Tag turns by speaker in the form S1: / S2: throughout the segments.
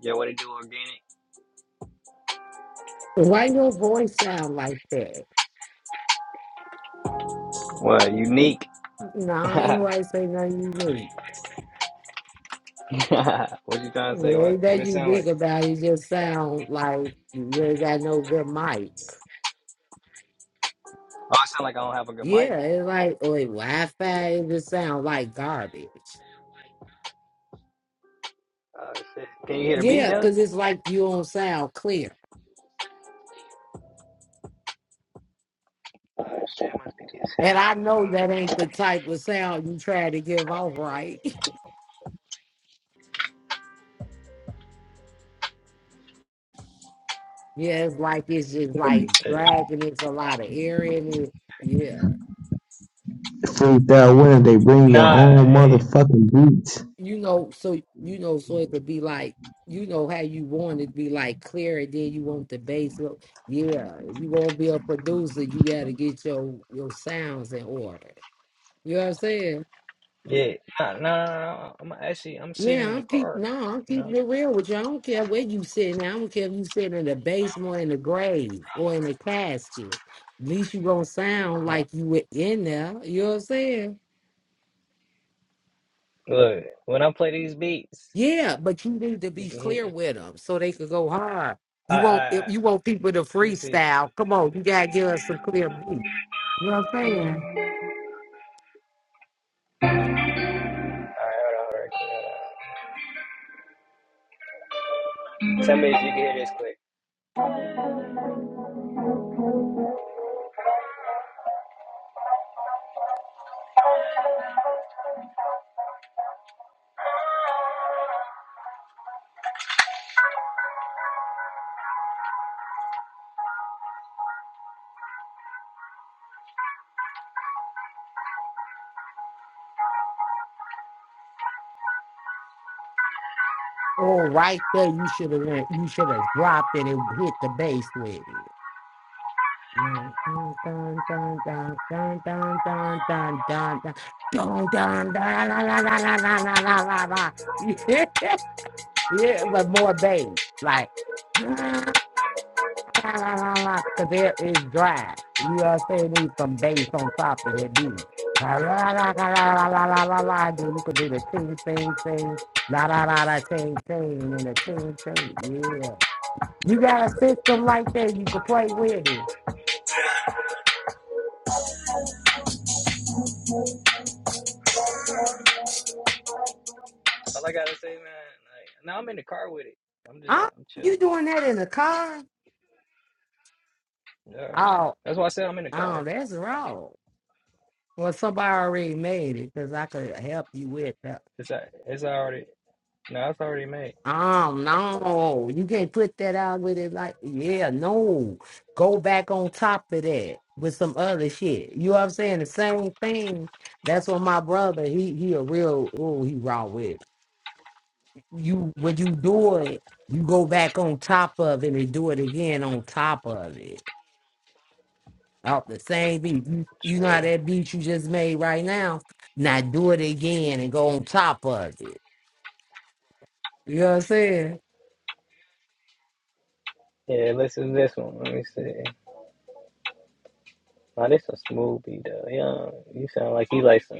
S1: Yeah, what it do organic?
S2: Why your voice sound like that?
S1: What unique?
S2: No, I ain't
S1: what
S2: right say nothing unique.
S1: you trying to say?
S2: It ain't
S1: What what
S2: that
S1: it sound like?
S2: unique about it, it just sound like you ain't got no good mic.
S1: Oh, it sound like I don't have a good mic.
S2: Yeah, it's like or Wi Fi, it just sound like garbage.
S1: Oh shit! Can you hear the beat
S2: Yeah,
S1: though?
S2: because it's like you don't sound clear.
S1: Oh shit! Must be these
S2: And I know
S1: Hold
S2: that
S1: on.
S2: ain't the type of sound you try to give off, right? Yeah, it's like it's just like
S1: Eh,
S2: dragging, it's a lot of air in it. Yeah.
S3: fruit that winter, they bring your
S1: Nah,
S3: own
S1: eh,
S3: motherfucking beats.
S2: you know, so you know, so it could be like, you know, how you want it to be like clear, and then you want the bass look. Yeah, if you want to be a producer, you got to get your your sounds in order. You know what I'm saying?
S1: yeah, nah, nah, nah, nah. I'm actually I'm sitting
S2: Yeah,
S1: in the
S2: I'm keep
S1: car.
S2: no, I'm
S1: You know,
S2: keeping it real with you. I don't care where you sitting. at. I don't care if you sitting in the basement, or in the grave, or in a casket. At least you gonna sound
S1: Uh,
S2: like you were in there. You know what I'm saying?
S1: look when I play these beats,
S2: Yeah, but you need to
S1: you
S2: be
S1: can hear.
S2: clear
S1: it.
S2: with them so they could go hard.
S1: I
S2: You
S1: I,
S2: want if
S1: I
S2: you want people to
S1: let me see.
S2: freestyle. Come on, you gotta give us some clear beat. You know what I'm saying?
S1: All right, hold on, hold on, quick, hold on. Tell me if you can hear this quick.
S2: Oh, right there, you should have went. You should have dropped it and hit the bass with it. Right. Dun dun dun dun dun dun dun dun dun dun dun dun dun la la la la la la la la. la. Yeah, yeah, but more bass, like. la, la, la, la, because there is drive. You know what I'm saying? Need some bass on top of that beat. La la la la la la la la la. la. Then you can do the ting ting ting, la la la la ting ting, and the ting ting. Yeah, you got a system like that you can play with it.
S1: All I gotta say, man. Like, now I'm in the car with it. I'm just
S2: Oh,
S1: I'm chilling.
S2: you doing that in the car?
S1: Yeah.
S2: Oh,
S1: That's why I said I'm in the
S2: oh,
S1: car.
S2: that's wrong. Well, somebody already made it because I could help you with that.
S1: It's a, it's already no, it's already made.
S2: Oh no, you can't put that out with it like yeah, no. Go back on top of that with some other shit. You know what I'm saying? The same thing. That's what my brother, he he a real oh, he raw with. You when you do it, you go back on top of it and do it again on top of it. Off the same beat. You, you know how
S1: Sure.
S2: that beat you just made right now? Now do it again and go on top of it. You know what I'm saying?
S1: Yeah, listen to this one. Let me see. Now this a smooth beat though. Yeah, you sound like you like some.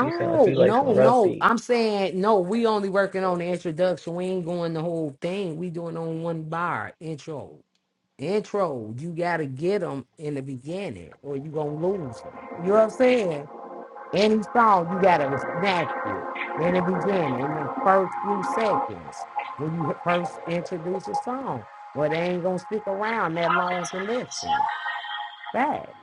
S1: You sound like you like some
S2: no,
S1: rough
S2: no.
S1: beats.
S2: I'm saying no. We only working on the introduction. We ain't going the whole thing. We doing on one bar intro. Intro. You gotta get them in the beginning, or you gonna lose them. You know what I'm saying? Any song, you gotta snatch it in the beginning, in the first few seconds when you first introduce a song. Well, they ain't gonna stick around that long to listen. Fact.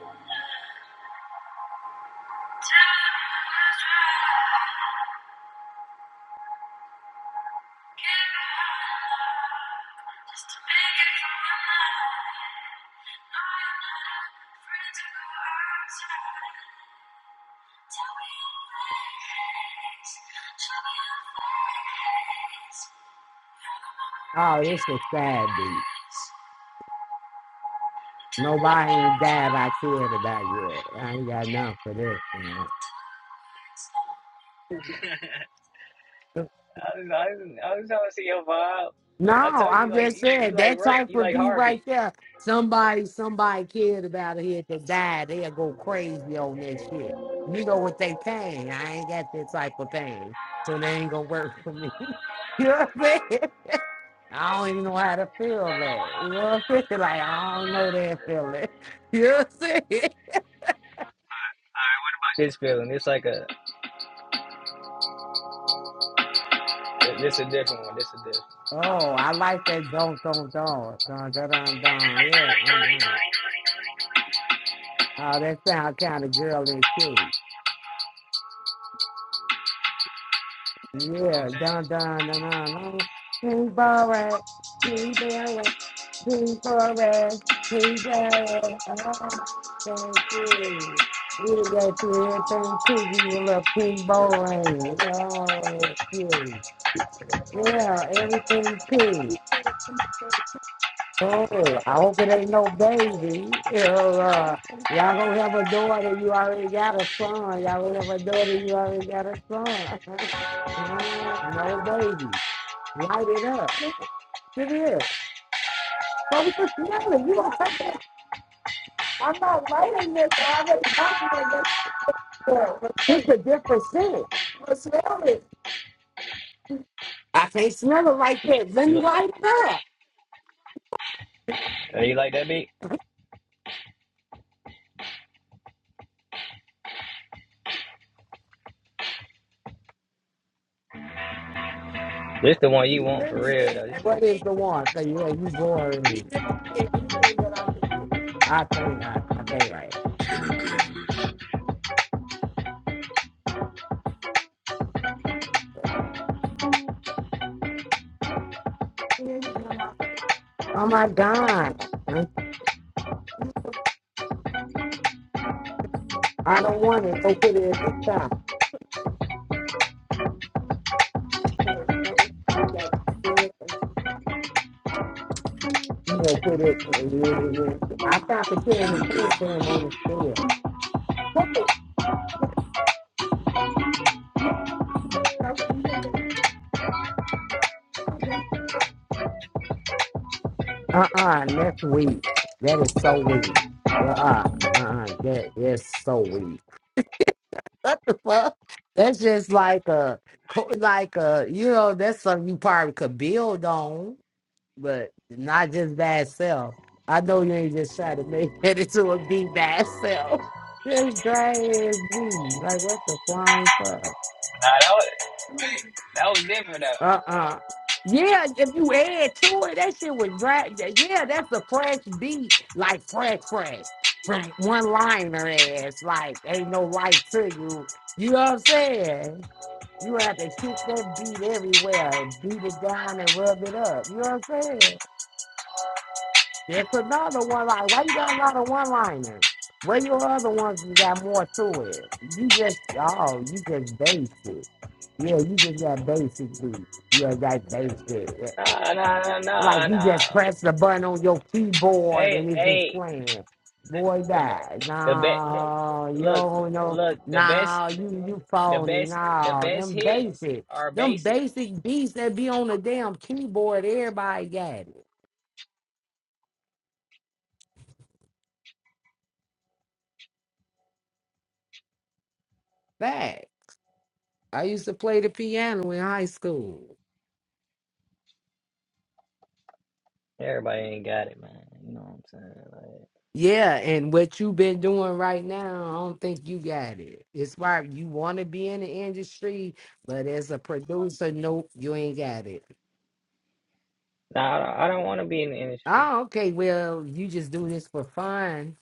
S2: Oh, it's a sad beat. Nobody ain't died I cared about yet. I ain't got nothing for this. man.
S1: I was, I was, I was trying to see your vibe. I
S2: No,
S1: told you
S2: I'm
S1: like
S2: just
S1: you, you
S2: saying
S1: like
S2: that
S1: rough,
S2: type
S1: you
S2: of
S1: like
S2: beat
S1: hard
S2: right
S1: beats.
S2: there. Somebody, somebody cared about it here to die. They'll go crazy on that shit. You know what they paying. I ain't got that type of pain. So they ain't gonna work for me. you know what I'm saying? I don't even know how to feel that. You know what I'm saying? Like I don't know that feeling. You know what I'm saying?
S1: This feeling, it's like a this a different one. This a different.
S2: Oh, I like that don't don't don't dun dun dun dun yeah dun dun. Oh, that sound kind of girly too.
S1: It's gonna
S2: Yeah,
S1: change.
S2: dun dun dun dun dun. King Boris, King Boris, King Boris, King Boris. Oh, thank you. You got to do everything to you, you little pink boy. Oh, that's you. Yeah, everything pink. Oh, I hope it ain't no baby. Or, uh, y'all gonna have a daughter, you already got a son. Y'all gonna have a daughter, you already got a son. Uh, no baby. Light it up. It is. But we just smelling. You gonna take it. I'm not lighting this. I already got one. This this is a different scent. But smell it. I can't smell it like that. Let
S1: You
S2: me
S1: like?
S2: light it up.
S1: Oh, you like that beat? This the one you want for real though. This the-
S2: What is the that one? Say, yeah, you boring me. I can't, I, I can't write. Oh my God. I don't want it. Go put it at the top. You know, put it, you know, I thought the kid in the
S1: nah,
S2: food for him on the store. Uh-uh, that's weak. That is so weak. Uh-uh, uh-uh, that is so weak. Well, that's just like a, co- like a, you know, that's something you probably could build on, but not just bad self. I know you ain't just trying to make it into a be bad self. Just dry as me. Like, what the flying fuck?
S1: that was that was different though.
S2: Uh-uh. Yeah, if you add to it, that shit was dry. Yeah, yeah, that's a fresh beat, like fresh, fresh. From one liner ass, like ain't no life to you. You know what I'm saying? You have to kick that beat everywhere and beat it down and rub it up. You know what I'm saying? That's another one line. Why you got a lot of one liners? Where your other ones you got more to it? You just oh, you just basic. Yeah, you just got basic beat. You just got basic.
S1: Nah, nah, nah, nah,
S2: Like you
S1: nah.
S2: just press the button on your keyboard
S1: Hey,
S2: and it's just
S1: hey,
S2: playing. Boy, that.
S1: the best.
S2: No, you
S1: Look,
S2: don't know.
S1: look, the best,
S2: No, you, you
S1: the
S2: phony.
S1: best, the
S2: No,
S1: best
S2: them
S1: hits
S2: basic.
S1: are
S2: Them
S1: basic.
S2: basic beats that be on the damn keyboard, everybody got it. Fact. I used to play the piano in high school.
S1: Everybody ain't got it, man. You know what I'm saying? Like,
S2: Yeah, and what you been doing right now, I don't think you got it. It's why you want to be in the industry, but as a producer, nope, you ain't got it.
S1: nah, I don't, I don't want to be in the industry.
S2: Oh, okay. Well, you just do this for fun.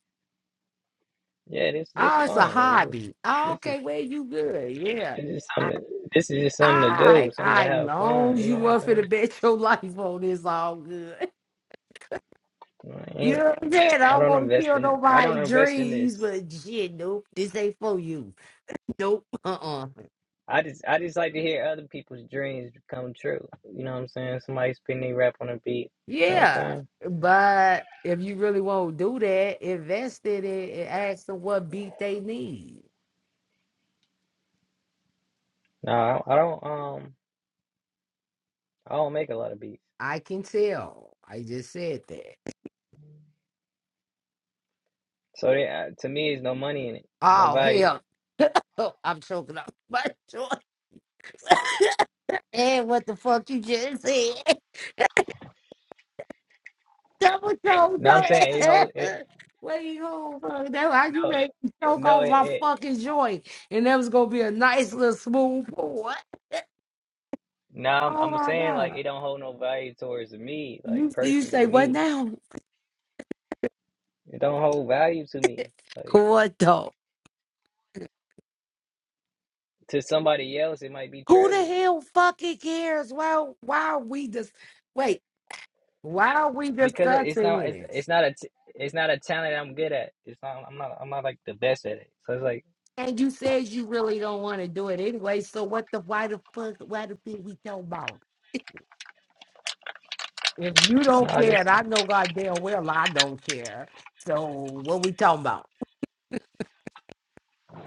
S1: Yeah, this, this
S2: Oh, it's a
S1: fun. It's just,
S2: hobby. Oh,
S1: this is,
S2: okay. Well, you good. Yeah.
S1: it's just
S2: I,
S1: something. to- This is just something to do,
S2: I,
S1: something to
S2: I,
S1: have fun.
S2: long as
S1: You
S2: you
S1: know what I'm
S2: want for to
S1: saying?
S2: bet your life on this. all good.
S1: Like, I
S2: You
S1: ain't,
S2: know what I'm saying? I
S1: I
S2: don't
S1: don't
S2: want to
S1: invest
S2: kill
S1: in, I
S2: nobody's
S1: don't invest in
S2: dreams,
S1: this.
S2: but shit, nope. This ain't for you. Nope. Uh-uh.
S1: I just, I just like to hear other people's dreams come true. You know what I'm saying? Somebody spin their rap on a beat. You know what I'm
S2: Yeah.
S1: saying?
S2: But if you really want to do that, invest in it and ask them what beat they need.
S1: No, I don't, I don't um I don't make a lot of beats.
S2: I can tell. I just said that.
S1: So they, uh, to me, there's no money in it. There's no
S2: Oh
S1: value.
S2: hell Oh, I'm choking up my joy. And what the fuck you just said? Double choke,
S1: No, I'm
S2: don't-
S1: saying it holds it.
S2: What you going fuck? That's how you
S1: No,
S2: make me choke
S1: no,
S2: off
S1: it.
S2: my
S1: it
S2: fucking joy. And that was gonna be a nice little smooth pour.
S1: no, I'm,
S2: Oh
S1: I'm
S2: my
S1: saying like
S2: god.
S1: it don't hold no value towards me, like
S2: You you
S1: personally
S2: say what
S1: me.
S2: now?
S1: It don't hold value to me. Like
S2: What though?
S1: to somebody else, it might be
S2: Who the
S1: treasure
S2: hell fucking cares? Well, why are we just wait? Why are we
S1: because it's
S2: discussing
S1: not. It's
S2: this?
S1: it's not a. t- It's not a talent I'm good at. It's not. I'm not. I'm not like the best at it. So it's like
S2: And you said you really don't want to do it anyway. So what the why the fuck? Why the fuck we talking about? If you don't
S1: no, this
S2: care, and I know goddamn well I don't care. So what we talking about?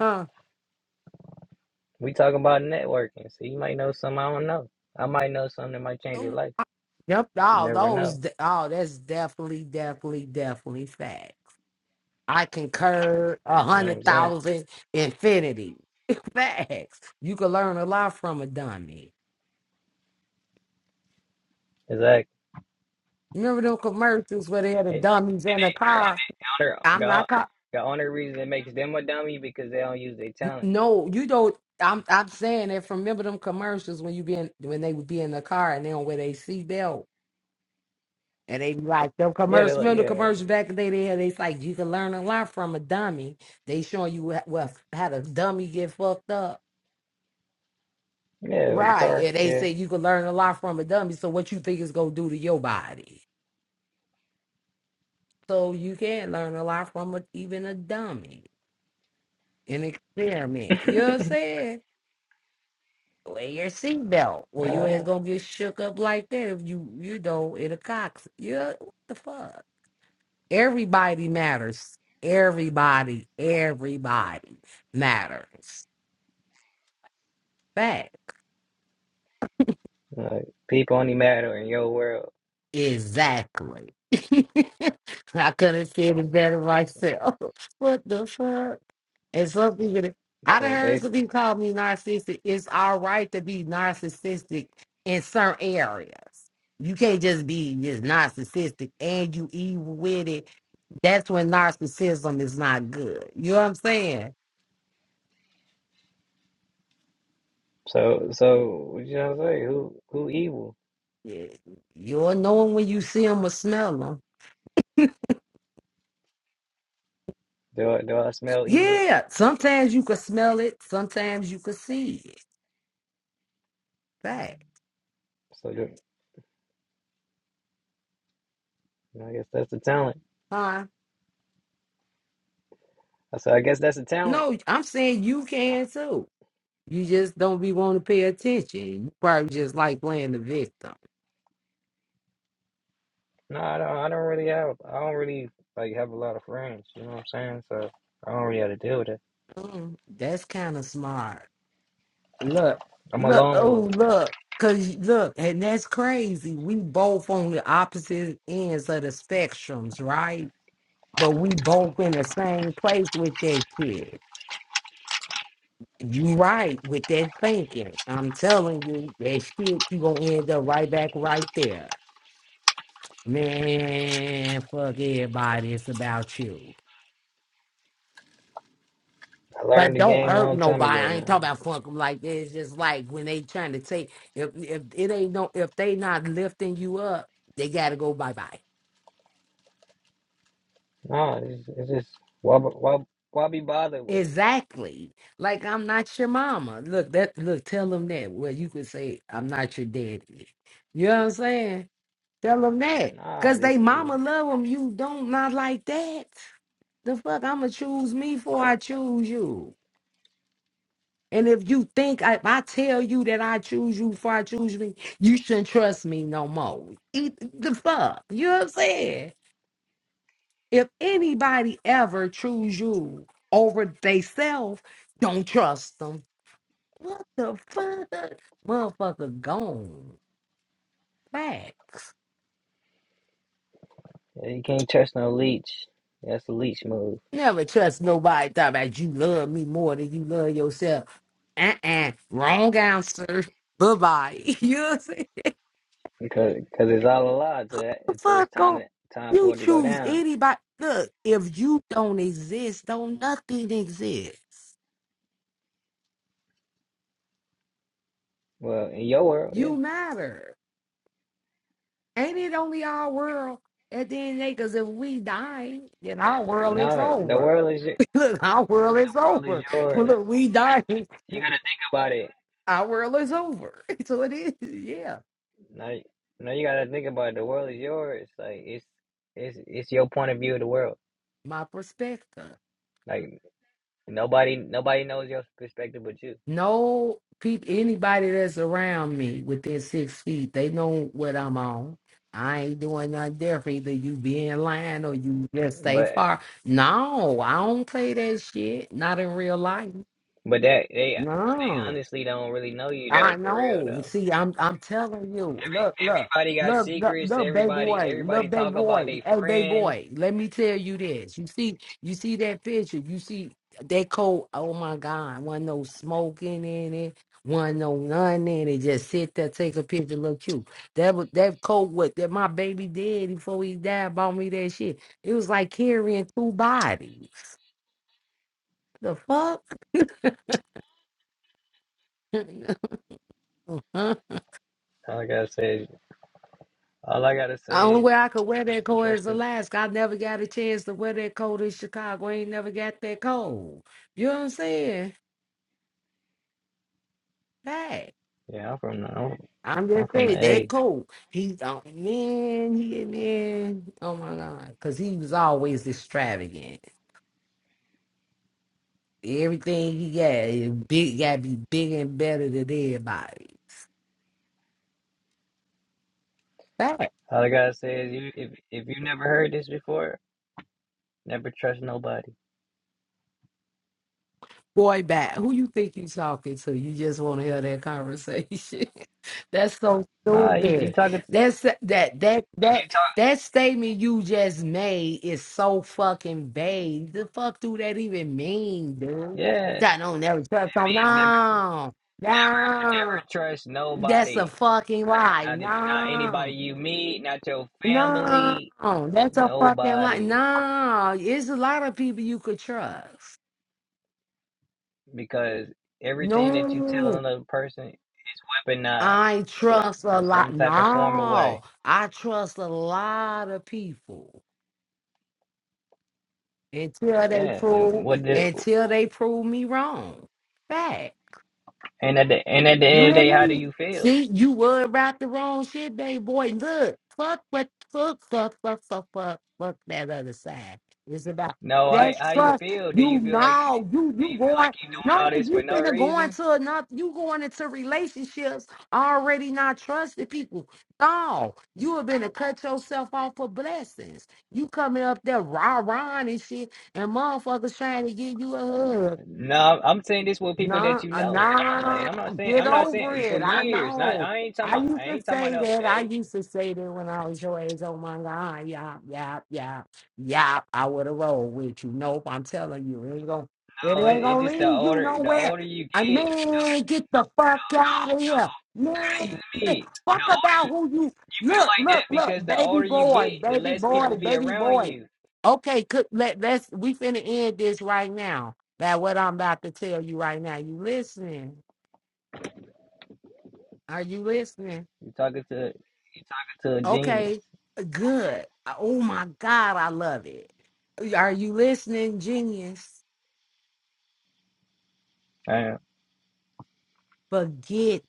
S2: Huh?
S1: we talking about networking. So you might know something I don't know. I might know something that might change your
S2: Oh,
S1: life.
S2: Yep.
S1: You
S2: All
S1: never
S2: those.
S1: know.
S2: Oh, that's definitely, definitely, definitely fact. I concur a
S1: You know what I'm
S2: hundred
S1: saying?
S2: thousand infinity. Facts. You can learn a lot from a dummy.
S1: Exactly.
S2: Remember them commercials where they had the
S1: Hey,
S2: dummies in the car?
S1: honor,
S2: I'm
S1: the, hon-
S2: not. Co-
S1: the only reason it makes them a dummy because they don't use their
S2: N-
S1: talent.
S2: no, you don't. I'm. I'm saying that. from Remember them commercials when you be in, when they would be in the car and they don't wear their seatbelt And they be like them
S1: Yeah, they
S2: commercials.
S1: like,
S2: Remember the
S1: yeah,
S2: commercials back in the day? They had. It's like you can learn a lot from a dummy. They showing you wha- well how the dummy get fucked up,
S1: yeah, with the
S2: right?
S1: car,
S2: And they
S1: yeah.
S2: say you can learn a lot from a dummy. So what you think is gonna do to your body? So you can learn a lot from a, even a dummy, an experiment. You know what I'm saying? Wear your seatbelt, or your
S1: Uh,
S2: ass gonna get shook up like that if you you know in a cox. Yeah, what the fuck? Everybody matters. Everybody, everybody matters. Fact.
S1: like, people only matter in your world.
S2: Exactly. I couldn't see it better
S1: So,
S2: myself. What the fuck? And some people, that- I done
S1: so
S2: heard some
S1: basically,
S2: people call me narcissistic. It's all right to be narcissistic in certain areas. You can't just be just narcissistic and you evil with it. That's when narcissism is not good. You know what I'm saying?
S1: so so you know what I'm saying? Who who evil?
S2: Yeah, you'll know 'em when you see them or smell them.
S1: Do I do I smell evil?
S2: Yeah, sometimes you can smell it, sometimes you can see it. Fact,
S1: So do, I guess that's the talent.
S2: huh?
S1: I said I guess that's the talent.
S2: No, I'm saying you can too. You just don't be wanting to pay attention. You probably just like playing the victim.
S1: No, I don't. I don't really have. I don't really like have a lot of friends. You know what I'm saying? So I don't really have to deal with that.
S2: Mm, that's kind of smart. Look,
S1: I'm a
S2: look,
S1: lone
S2: oh
S1: wolf.
S2: look, cause look, and that's crazy. We both on the opposite ends of the spectrums, right? But we both in the same place with that shit. You right with that thinking. I'm telling you, that shit, you gonna end up right back right there. Man, fuck everybody, it's about you.
S1: I learned
S2: But
S1: the
S2: don't
S1: game a
S2: hurt
S1: long time
S2: nobody.
S1: ago,
S2: I ain't talking
S1: man.
S2: about fuck 'em like that. It's just like when they trying to take if if it ain't no if they not lifting you up, they gotta go bye bye.
S1: Nah, it's, it's just why, b- why, why be bothered with it?
S2: Exactly. Like I'm not your mama. Look that look, tell them that. Well you could say I'm not your daddy. You know what I'm saying? Tell them that.
S1: Nah,
S2: Cause
S1: this
S2: they
S1: is
S2: mama love them. You don't not like that. The fuck I'ma choose me before I choose you. And if you think I, I tell you that I choose you before I choose me, you shouldn't trust me no more. Eat the fuck. You know what I'm saying? If anybody ever choose you over they self, don't trust them. What the fuck? Motherfucker gone. Back.
S1: yeah, you can't trust no leech. That's a leech move
S2: Never trust nobody talk about you love me more than you love yourself. Uh-uh. Wrong answer. Bye-bye. You know what I'm saying?
S1: because cause it's all a lie until that- until it's
S2: Fuck
S1: time
S2: off.
S1: to, time
S2: You
S1: for it to go
S2: choose
S1: down.
S2: anybody. Look, if you don't exist, don't nothing exists.
S1: Well, in your world, yeah.
S2: You matter. Ain't it only our world at the end of the day? Because if we die, then our world is
S1: No, the
S2: over.
S1: world is your,
S2: Look, our world is
S1: world is
S2: over.
S1: yours.
S2: Look, we die,
S1: You gotta think about it.
S2: our world is over. So it is, yeah.
S1: No, you- no, you gotta think about it. The world is yours. Like it's it's it's your point of view of the world.
S2: My perspective.
S1: Like nobody nobody knows your perspective but you.
S2: No people, anybody that's around me within six feet, they know what I'm on. I ain't doing nothing different. Either you be in line or you just stay
S1: But
S2: far. No, I don't play that shit. Not in real life.
S1: but that they
S2: No.
S1: honestly don't really know you
S2: I
S1: though, for real
S2: know.
S1: though.
S2: See, I'm I'm telling you. Look, look,
S1: Everybody got
S2: look, look,
S1: secrets.
S2: look, baby
S1: Everybody
S2: boy,
S1: everybody
S2: look, baby
S1: talk about
S2: boy.
S1: their
S2: Hey, baby
S1: friends.
S2: boy. Let me tell you this. You see, you see that picture. You see that coat. Oh my God, wasn't no smoking in it. Wasn't no none in it. Just sit there, take a picture, look cute. That was that coat. What that my baby did before he died bought me that shit. It was like carrying two bodies. The fuck.
S1: All I gotta say is all I gotta say
S2: Only way
S1: is
S2: I could wear that coat
S1: trust
S2: is
S1: your
S2: Alaska. I never got a chance to wear that coat in Chicago. I ain't never got that cold. You know what I'm saying? Hey,
S1: yeah. I'm from the I'm,
S2: I'm
S1: I'm
S2: just
S1: from the
S2: saying that
S1: A.
S2: coat. He's on man, he man. Oh my god, because he was always extravagant. Everything he got, it big got to be bigger and better than everybody's. Hey.
S1: All I gotta say is you if if you never heard this before, never trust nobody.
S2: Boy, back. Who you think you talking to? You just want to hear that conversation. That's so
S1: Nah, you you
S2: stupid.
S1: talking to,
S2: That's that that
S1: you
S2: that
S1: talk
S2: that statement you just made is so fucking vague. The fuck do that even mean, dude?
S1: yeah
S2: That don't never trust on.
S1: means never, never
S2: No, no.
S1: trust
S2: That's a
S1: nobody.
S2: fucking lie.
S1: Not the- not anybody
S2: No,
S1: you meet, not your
S2: no.
S1: family,
S2: That's a fucking lie.
S1: nobody.
S2: No, it's a lot of people you could trust.
S1: because everything that you
S2: No.
S1: tell another person weaponized
S2: I trust a
S1: in
S2: lot.
S1: some type of form or
S2: No,
S1: way.
S2: I trust a lot of people until they
S1: Yeah, and
S2: prove
S1: what did it,
S2: until they prove me wrong. Fact.
S1: and at the and at the
S2: You
S1: end of the
S2: hear
S1: day, how do
S2: me?
S1: you feel?
S2: See, you were about the wrong shit, baby boy. Look, fuck what fuck fuck fuck fuck fuck fuck that other side. It's about
S1: No, how
S2: that's
S1: how you
S2: trust.
S1: feel? Do you
S2: You
S1: feel like like you
S2: know, you you going
S1: doing all
S2: no,
S1: this for
S2: you
S1: no
S2: finna going
S1: reason?
S2: to enough. You going into relationships already not trusting people. No, you have been to cut yourself off for blessings. You coming up there rah rah and shit, and motherfuckers trying to give you a hug.
S1: No, I'm saying this with people that
S2: No,
S1: you
S2: uh,
S1: know. Like,
S2: nah,
S1: and I'm not saying
S2: get
S1: I'm not
S2: over
S1: saying for
S2: it. I
S1: years. Not
S2: know.
S1: I ain't talking
S2: I
S1: about I
S2: used to
S1: ain't talking about
S2: say
S1: the old
S2: that. I
S1: day.
S2: used to say that when I was your age. Oh my God, yeah, yeah, yeah, yeah. I would have rolled with you. Nope, I'm telling you, it ain't gonna, it
S1: Oh, it,
S2: ain't
S1: it
S2: gonna
S1: just the
S2: lead you
S1: older the
S2: nowhere.
S1: older you
S2: I
S1: get,
S2: man, get the
S1: No,
S2: fuck out of
S1: no.
S2: here,
S1: listen
S2: man.
S1: to me. The
S2: Fuck about
S1: older
S2: who you
S1: You feel
S2: look, look,
S1: like that
S2: look,
S1: because the
S2: baby
S1: older you
S2: boy,
S1: get, the
S2: baby
S1: less
S2: boy,
S1: people be
S2: baby
S1: around
S2: boy.
S1: you.
S2: Okay, could let let's we finna end this right now. That what I'm about to tell you right now. You listening? Are you listening?
S1: You're talking to you're talking to a genius.
S2: Okay, good. Oh my God, I love it. Are you listening, genius?
S1: Uh,
S2: Forget,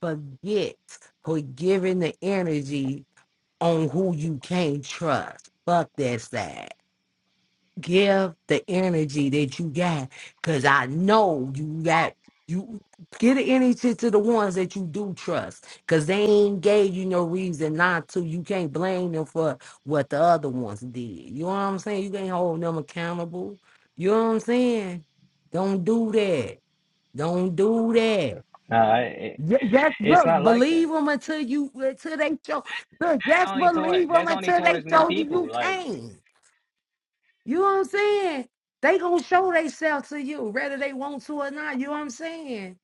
S2: forget, forgiving the energy on who you can't trust. Fuck that side. give the energy that you got because i know you got you give the energy to the ones that you do trust because they ain't gave you no reason not to you can't blame them for what the other ones did you know what i'm saying you can't hold them accountable you know what i'm saying don't do that don't do that
S1: nah, it,
S2: Ju- just
S1: it's not
S2: look,
S1: like that.
S2: believe them until you until they show. Look,
S1: That's
S2: just
S1: only toward
S2: believe them
S1: that's only
S2: until they
S1: towards new
S2: show you you
S1: people. Like
S2: can't. You know what I'm saying? They gonna show themselves to you, whether they want to or not. You know what I'm saying?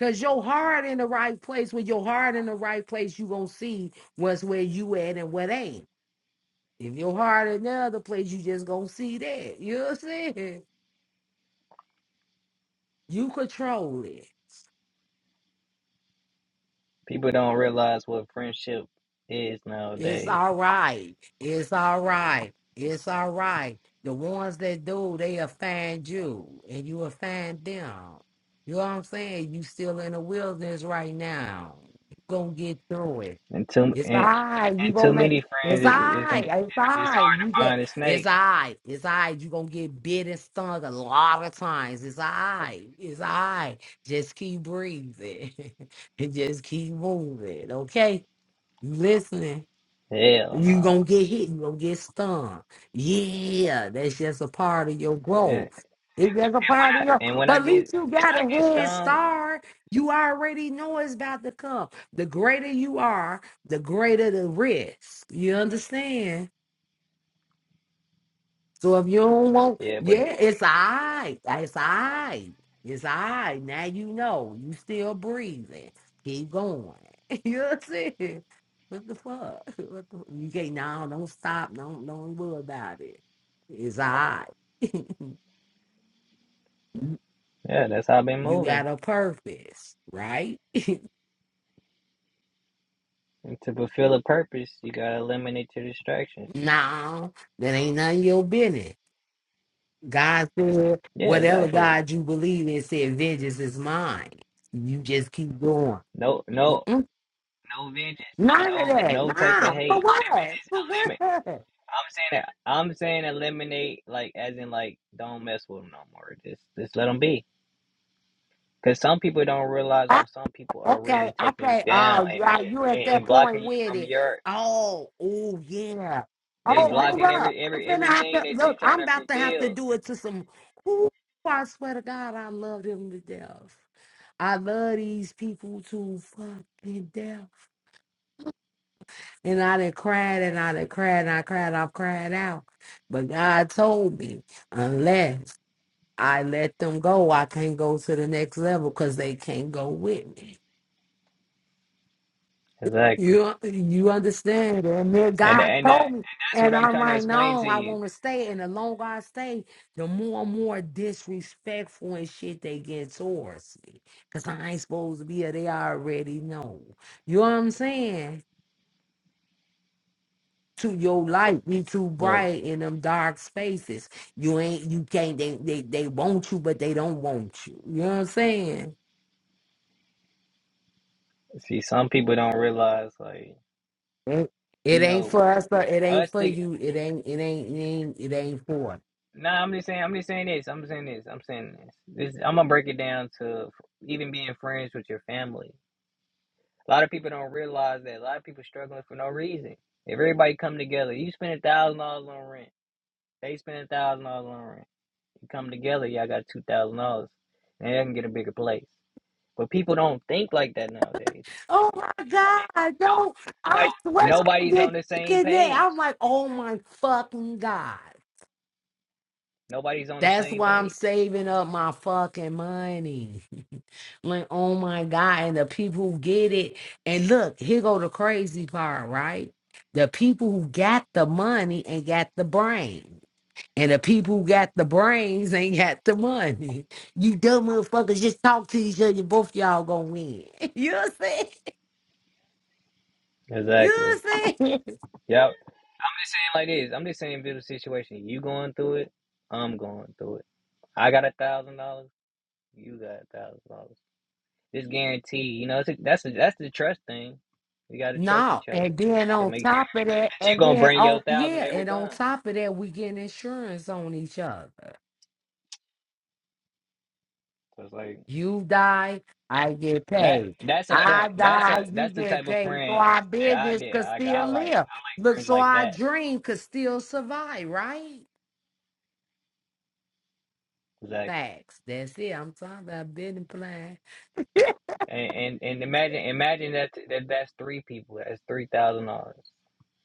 S2: Cause your heart in the right place. With your heart in the right place, you gonna see what's where you at and what ain't. If your heart in the other place, you just gonna see that. You know what I'm saying? You control it.
S1: people don't realize what friendship is
S2: It's
S1: nowadays,
S2: all right. It's all right. It's all right. The ones that do, they offend you and you offend them. You know what I'm saying? You still in the wilderness right now. You gonna get through it.
S1: and too
S2: It's all
S1: and,
S2: right. You
S1: and too
S2: gonna make
S1: many friends.
S2: it's all
S1: It, it's gonna
S2: right.
S1: be
S2: It's
S1: it,
S2: all
S1: it's
S2: right.
S1: hard
S2: You
S1: to
S2: get
S1: find a
S2: it's
S1: snake.
S2: all right. It's all right. You gonna get bit and stung a lot of times. It's all right. It's all right. Just keep breathing and just keep moving. Okay? You listening?
S1: Hell no.
S2: You
S1: Nah.
S2: gonna get hit, you gonna get stung. Yeah, that's just a part of your
S1: And,
S2: growth. It's just a part of your
S1: and when
S2: but
S1: I
S2: at
S1: get
S2: least you got a
S1: get
S2: head
S1: stung,
S2: start. You already know it's about to come. The greater you are, the greater the risk. You understand? So if you don't want,
S1: yeah, but
S2: yeah, it's all right. It's all right. It's all right. Now you know you still breathing. Keep going. you know what I'm saying? What the fuck? What the, you can't now don't stop. Don't don't worry about it. It's all right.
S1: yeah, that's how I've been
S2: you
S1: moving.
S2: got a purpose, right?
S1: And to fulfill a purpose, you gotta eliminate your distractions.
S2: No, that ain't none of your business. God said,
S1: Yeah,
S2: whatever
S1: exactly.
S2: God you believe in said, vengeance is mine. You just keep going.
S1: No, no, no vengeance.
S2: None of
S1: No,
S2: that.
S1: no type of
S2: Nah. For
S1: hate.
S2: what?
S1: It's just
S2: For what?
S1: eliminate.
S2: I,
S1: I'm saying that. I'm saying eliminate, like as in like don't mess with them no more. Just just let them be. Because some people don't realize when some people are
S2: okay.
S1: really taking you
S2: Okay.
S1: down
S2: Oh,
S1: and,
S2: yeah, you
S1: and
S2: at that
S1: and
S2: point
S1: blocking you
S2: with
S1: from
S2: it.
S1: your.
S2: Oh, oh yeah.
S1: They
S2: Oh, hold
S1: blocking
S2: up.
S1: every
S2: I'm
S1: every
S2: finna have
S1: everything
S2: to
S1: that you're
S2: look,
S1: trying
S2: I'm
S1: to
S2: about to have to
S1: fulfill.
S2: do it to some who I swear to God, I love them to death. I love these people to fucking death. And I done cried and I done cried and I cried, I've cried out. But God told me, unless I let them go. I can't go to the next level because they can't go with me.
S1: Exactly.
S2: You you understand? And then
S1: And
S2: God
S1: and that
S2: told me,
S1: and that's what
S2: and
S1: I'm
S2: I'm
S1: trying to
S2: like,
S1: explain to
S2: no, I
S1: you.
S2: want to stay. And the longer I stay, the more and more disrespectful and shit they get towards me. Cause I ain't supposed to be here. They already know. You know what I'm saying? To your light be too
S1: Look,
S2: bright in them dark spaces. You ain't you can't they they, they want you, but they don't want you. You know what I'm saying?
S1: see, some people don't realize like
S2: It
S1: you
S2: it ain't
S1: know
S2: for us, but it ain't
S1: us
S2: for
S1: to
S2: you. It ain't. It ain't. It ain't. It ain't for. us.
S1: Nah, I'm just saying. I'm just saying this. I'm saying this. I'm saying this. This I'm gonna break it down to f- even being friends with your family. A lot of people don't realize that. A lot of people struggling for no reason. If everybody come together, you spend a thousand dollars on rent. They spend a thousand dollars on rent. You come together, y'all got two thousand dollars, and they can get a bigger place. But people don't think like that nowadays.
S2: Oh my God! Don't I swear I
S1: Nobody's on
S2: did
S1: the same
S2: thinking that
S1: page.
S2: I'm like, oh my fucking God.
S1: Nobody's on the
S2: That's
S1: same
S2: why I'm
S1: page.
S2: saving up my fucking money. Like, oh my God. And the people who get it. And look, here go the crazy part, right? The people who got the money and got the brain. And the people who got the brains ain't got the money. You dumb motherfuckers just talk to each other. Both y'all gonna win. You know what I'm saying? You
S1: Exactly.
S2: know what I'm saying?
S1: Yep. just saying like this. I'm just saying, build a situation. You going through it. I'm going through it. I got a thousand dollars. You got a thousand dollars. This guarantee, you know, it's a, that's a, that's the trust thing. We got to trust
S2: No,
S1: each other
S2: and then
S1: to
S2: on
S1: make sure
S2: top of that,
S1: that you
S2: and
S1: gonna
S2: then
S1: bring
S2: on
S1: your thousand
S2: yeah,
S1: every
S2: and on
S1: time.
S2: top of that, we get insurance on each other.
S1: So it's like
S2: You die, I get
S1: that.
S2: paid.
S1: That's a
S2: I
S1: friend. That's
S2: die,
S1: a
S2: you
S1: that's the
S2: get
S1: type of
S2: paid. So
S1: friend
S2: our
S1: that I
S2: business
S1: did.
S2: could
S1: Like I
S2: still
S1: like
S2: live. Look,
S1: friends
S2: so
S1: like
S2: our
S1: that.
S2: dream could still survive, right?
S1: Exactly.
S2: Facts. That's it. I'm talking about business plan.
S1: And, and and imagine imagine that, that that's three people. That's three thousand dollars.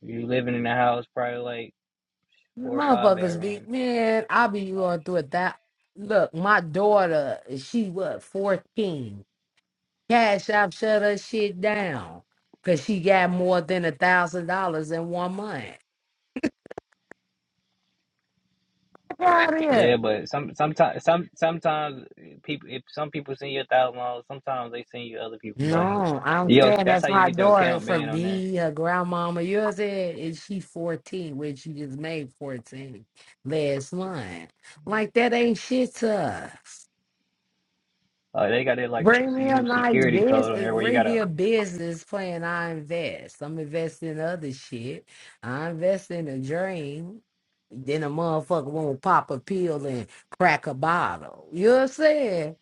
S1: You living in a house probably like. four or five
S2: Motherfuckers be
S1: bedrooms.
S2: man, I be going through it that look, my daughter, she what, fourteen. Cash App shut her shit down. Cause she got more than a thousand dollars in one month. Get out of
S1: Yeah,
S2: here.
S1: but some sometimes some sometimes people if some people send you a thousand dollars, sometimes they send you other people money.
S2: No, I'm
S1: Yo,
S2: saying
S1: that's how
S2: that's
S1: you
S2: my
S1: get your
S2: daughter
S1: account
S2: for
S1: banned on there.
S2: me, her grandmama. You know what she 14, which she just made 14 last month. Like that ain't shit to us.
S1: Uh, they got that like s-
S2: Bring me a
S1: new
S2: nice
S1: security code on
S2: business.
S1: there where you
S2: Bring me
S1: gotta
S2: a business plan. I invest. I'm investing in other shit. I invest in a dream. Then a motherfucker won't pop a pill and crack a bottle. You know what I'm saying?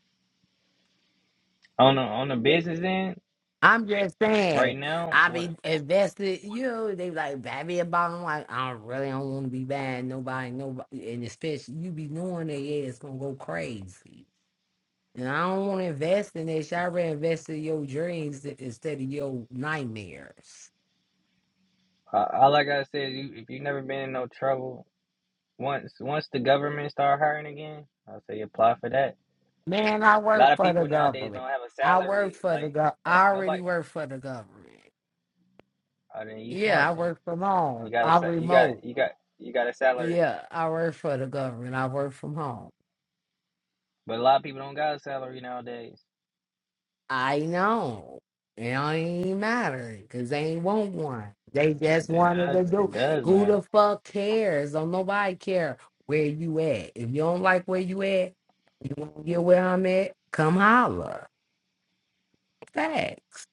S1: on the on the business end
S2: I'm just
S1: right
S2: saying.
S1: now.
S2: I
S1: What
S2: be invested. You know, they be like, buy me a bottle. I'm like, I don't really don't want to be buying nobody. Nobody. And especially you be knowing they ass gonna go crazy. And I don't want to invest in this. I'd rather invest in your dreams i- instead of your nightmares.
S1: uh, all I gotta say is you if you never been in no trouble once once the government start hiring again, I'll say apply for that.
S2: Man, I
S1: A lot
S2: work
S1: of
S2: for the
S1: people nowadays don't
S2: government.
S1: have a
S2: I work
S1: salary.
S2: for the
S1: Like
S2: gov. I already
S1: nobody.
S2: work for the government.
S1: I mean, you
S2: Yeah,
S1: smart
S2: I
S1: then.
S2: work from
S1: You
S2: home.
S1: got a
S2: I'm
S1: sa- you got
S2: remote.
S1: you got you got a salary,
S2: Yeah, I work for the government. I work from home.
S1: but a lot of people don't got a salary nowadays.
S2: I know. It don't even matter because they ain't want one. They
S1: It,
S2: just
S1: it
S2: wanted
S1: does
S2: to do.
S1: it does
S2: Who
S1: matter.
S2: the fuck cares? Don't nobody care where you at. If you don't like where you at, you want to get where I'm at, come holler. Facts.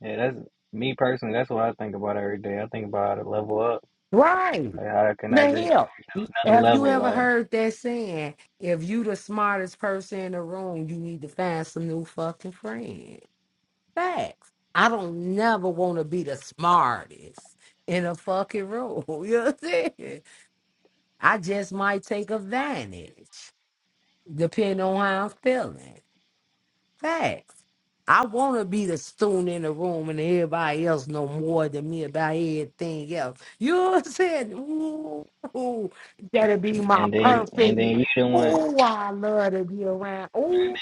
S1: Yeah, that's me personally. That's what I think about every day. I think about how to level up.
S2: Right.
S1: Like how can I
S2: The
S1: reach
S2: hell.
S1: another
S2: Have you
S1: level?
S2: ever
S1: Like
S2: heard that saying, if you the smartest person in the room, you need to find some new fucking friends? facts. I don't never want to be the smartest in a fucking room. You know what I'm saying? I just might take advantage, depending on how I'm feeling. Facts. I want to be the student in the room and everybody else know more than me about everything else. You know what I'm saying? Ooh, ooh, that'll be my
S1: and then and
S2: perfect.
S1: then you the one
S2: Ooh, I love to be around. Ooh,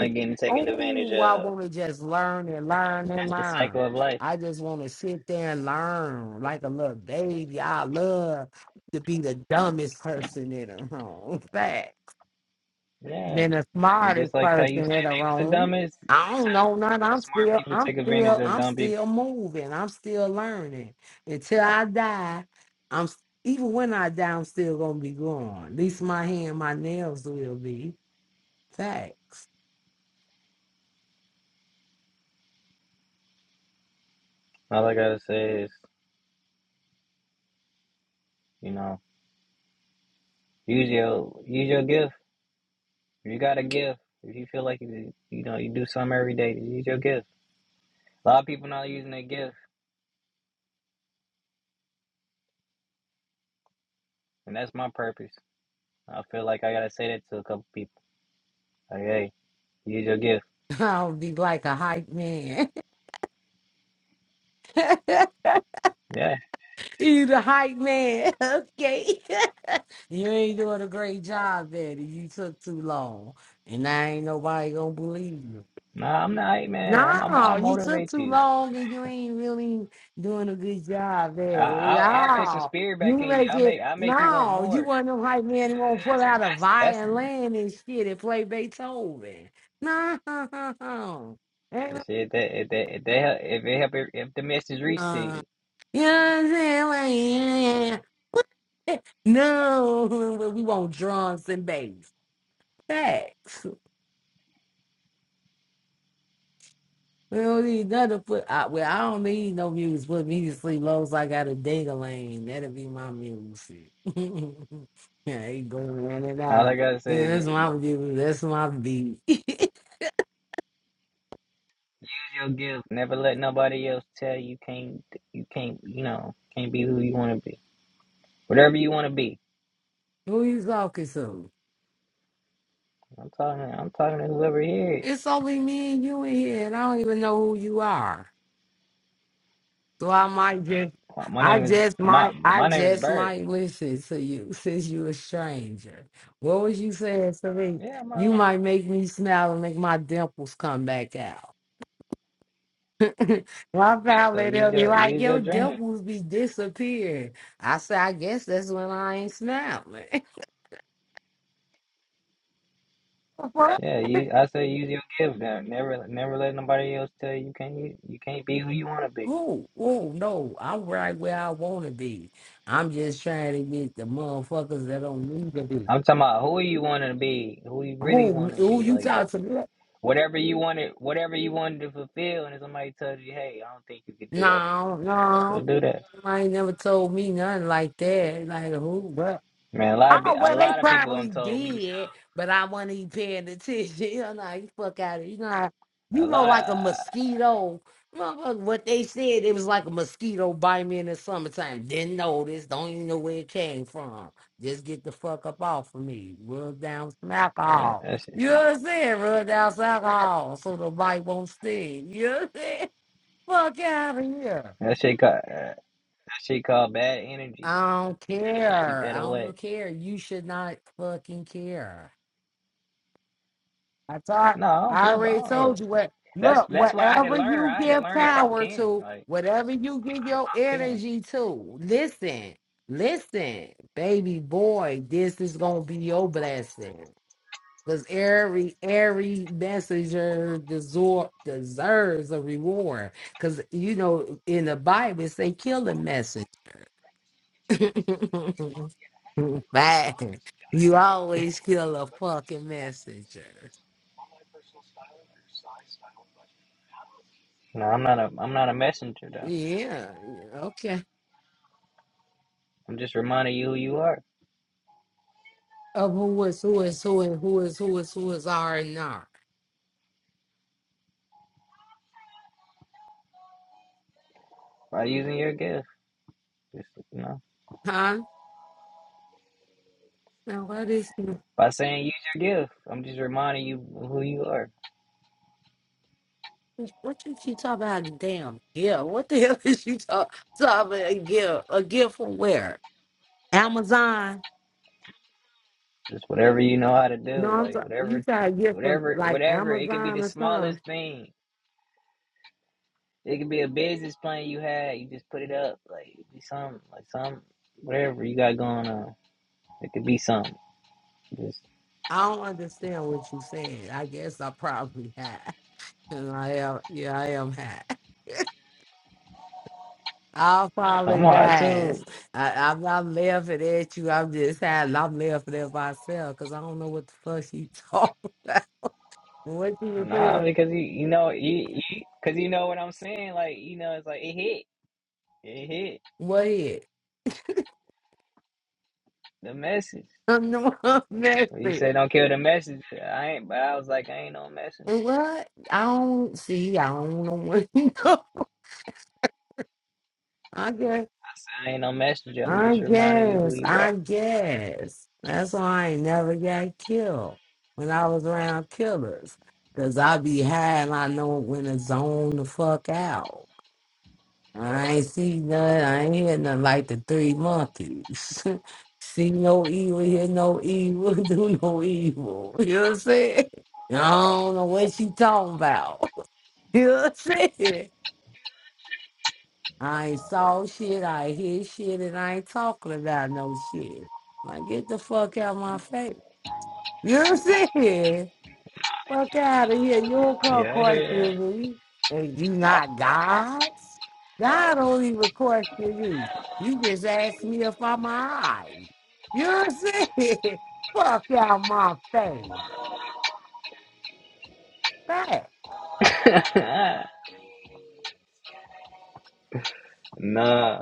S1: like getting taken advantage
S2: I
S1: of.
S2: want to just learn and learn and
S1: That's the
S2: learn.
S1: cycle of life.
S2: I just want to sit there and learn like a little baby. I love to be the dumbest person in the room.
S1: Yeah,
S2: been the
S1: and just
S2: smartest
S1: like how you said,
S2: person in the
S1: they was the
S2: room.
S1: dumbest. They
S2: I don't
S1: took
S2: know nothing. I'm
S1: smart
S2: still,
S1: people
S2: I'm
S1: take advantage
S2: still,
S1: of
S2: I'm
S1: dumb people.
S2: still moving. I'm still learning. Until I die, I'm s- even when I die, I'm still gonna be gone. At least my hand, my nails will be. Facts.
S1: All I gotta say is, you know, use your use your gift You got a gift. If you feel like you, you know you do something every day, use your gift. A lot of people not using their gift, and that's my purpose. I feel like I gotta say that to a couple people. Like, hey, use your gift.
S2: I'll be like a hype man.
S1: Yeah.
S2: you the hype man, okay? you ain't doing a great job, Betty. You took too long, and I ain't nobody gonna believe you.
S1: Nah, I'm not, hey, man. I'm, I'm, I'll
S2: No, you took
S1: motivate
S2: too
S1: you.
S2: long and you ain't really doing a good job
S1: I,
S2: at it
S1: I'll,
S2: at
S1: I'll put some
S2: all.
S1: spirit
S2: You
S1: back in you.
S2: make
S1: I
S2: it
S1: make, I make you want
S2: no, you
S1: more.
S2: one of them hype man who won't pull
S1: That's,
S2: out a
S1: that's,
S2: violin and shit and play Beethoven. No, Ain't no-
S1: that's if that, if that, if they help, if it help, if the message reach to
S2: uh,
S1: you.
S2: you know what I'm saying? Like, yeah. No, but we want drums and bass. Facts. We don't need none to put out. Well, I don't need no music. Put me to sleep long as I got a ding a lane. That'll be my music. yeah, he going in and
S1: All I
S2: out.
S1: gotta say
S2: Yeah, that's
S1: is use
S2: my music. That's my beat.
S1: your gift. Never let nobody else tell you can't, you can't, you know, can't be who you want to be. Whatever you want to be.
S2: who you talking to?
S1: I'm talking. I'm talking to whoever here.
S2: It's only me and you in here, and I don't even know who you are. So I might just,
S1: My my
S2: I
S1: name is
S2: just
S1: my
S2: might, I
S1: my name is
S2: just
S1: Bird.
S2: might listen to you since you a stranger. What was you saying to me?
S1: Yeah,
S2: You
S1: my.
S2: might make me smile and make my dimples come back out. My pal
S1: So
S2: they
S1: use
S2: will be
S1: your
S2: like,
S1: use your
S2: your
S1: dream.
S2: dimples be disappearing. I say, I guess that's when I ain't snap. oh,
S1: Yeah, you, I say use your gift. Now. Never never let nobody else tell you you can't you, you can't be who you want to be.
S2: oh, no, I'm right where I want to be. I'm just trying to get the motherfuckers that don't need to be.
S1: I'm talking about who you want to be, who you really
S2: Oh,
S1: want
S2: me-
S1: to
S2: oh,
S1: be,
S2: you
S1: like
S2: talk to me?
S1: whatever you wanted, whatever you wanted to fulfill. And if somebody tells you, hey, I don't think you could do that,
S2: No,
S1: don't
S2: no.
S1: do that.
S2: I ain't never told me nothing like that. Like, who?
S1: Man, a lot of pe-
S2: Oh
S1: a
S2: well, they
S1: lot of people
S2: probably
S1: done told me stuff.
S2: did, but I wasn't even paying attention. You know, you fuck out of you know, how- you
S1: A
S2: know,
S1: lot of
S2: like a
S1: uh,
S2: mosquito. Motherfucker, What they said, it was like a mosquito bite me in the summertime. Didn't notice, don't even know where it came from. Just get the fuck up off of me. Rub down some
S1: that,
S2: alcohol.
S1: that shit,
S2: You know what I'm saying? Rub down some alcohol so the bite won't sting. You know what I'm saying? Fuck out of here.
S1: that shit got. uh, She called bad energy, man.
S2: I don't
S1: You keep
S2: care.
S1: that
S2: I
S1: away.
S2: don't care. You should not fucking care. I taught,
S1: No, I don't
S2: I
S1: care about.
S2: already
S1: Look,
S2: told you what.
S1: that's
S2: Look,
S1: that's why I had to
S2: whatever
S1: learn.
S2: you
S1: I had to
S2: give
S1: learn to stop
S2: power
S1: caring.
S2: to,
S1: Like
S2: whatever you give
S1: I
S2: your
S1: stopped caring.
S2: energy to, listen, listen, baby boy, this is gonna be your blessing. Cause every every messenger deserve, deserves a reward. Cause you know in the Bible it say kill a message. Man, you always kill a fucking messenger.
S1: No, I'm not a I'm not a messenger though.
S2: Yeah, yeah, okay.
S1: I'm just reminding you who you are
S2: Of who is who is who and who is who is who is R and R.
S1: by using your gift. Just you know,
S2: Huh? Now what is
S1: by saying use your gift. I'm just reminding you who you are.
S2: what is she talking about? a Damn gift. What the hell is she talk, talking about? A gift. A gift from where? Amazon.
S1: Just whatever you know how to
S2: No,
S1: do,
S2: I'm
S1: like
S2: sorry. You
S1: whatever,
S2: got a gift from
S1: whatever,
S2: like
S1: whatever. It could be
S2: Amazon
S1: the
S2: or
S1: smallest
S2: something.
S1: thing. It could be a business plan you had. You just put it up. Like it could be something, like some whatever you got going on. It could be something. Just
S2: I don't understand what you're saying. I guess I probably had. And I am yeah, I am high. I
S1: I'm hard too.
S2: apologize. I, I'm not laughing at you. I'm just having, I'm laughing at myself because I don't know what the fuck she talking about. What she was
S1: Nah,
S2: saying.
S1: because you you know you because you know what I'm saying. Like you know, it's like it hit. It hit
S2: What it?
S1: the message.
S2: No, I'm
S1: When you
S2: messy.
S1: said don't kill the messenger, I ain't. But I was like, I ain't no messenger.
S2: What? I don't see. I don't know what you know. I guess.
S1: I said I ain't no messenger. I'm
S2: I
S1: just reminding you who
S2: guess.
S1: you are.
S2: I guess. That's why I ain't never got killed when I was around killers. Because I be high and I know when to zone the fuck out. I ain't see none. I ain't hear nothing like the three monkeys. see no evil, hear no evil, do no evil. You know what I'm saying? I don't know what she talking about. You know what I'm saying? I ain't saw shit, I ain't hear shit, and I ain't talking about no shit. Like, get the fuck out my face. You know what I'm saying? Fuck out of here. You don't call
S1: Yeah, I hear
S2: questioning me. And you not God? God don't even question me. You just asked me if I'm alive. You know what I'm saying? fuck out my face. That.
S1: that. nah,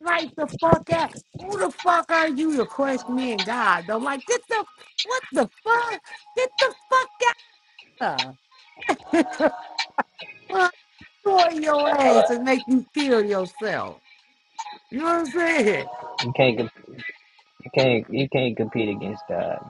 S2: Like the fuck out. Who the fuck are you to question me and God? Though, like, get the, what the fuck? Get the fuck out of. Destroy your ass and make you kill yourself. You know what I'm saying?
S1: you can't. You can't. You can't compete against God.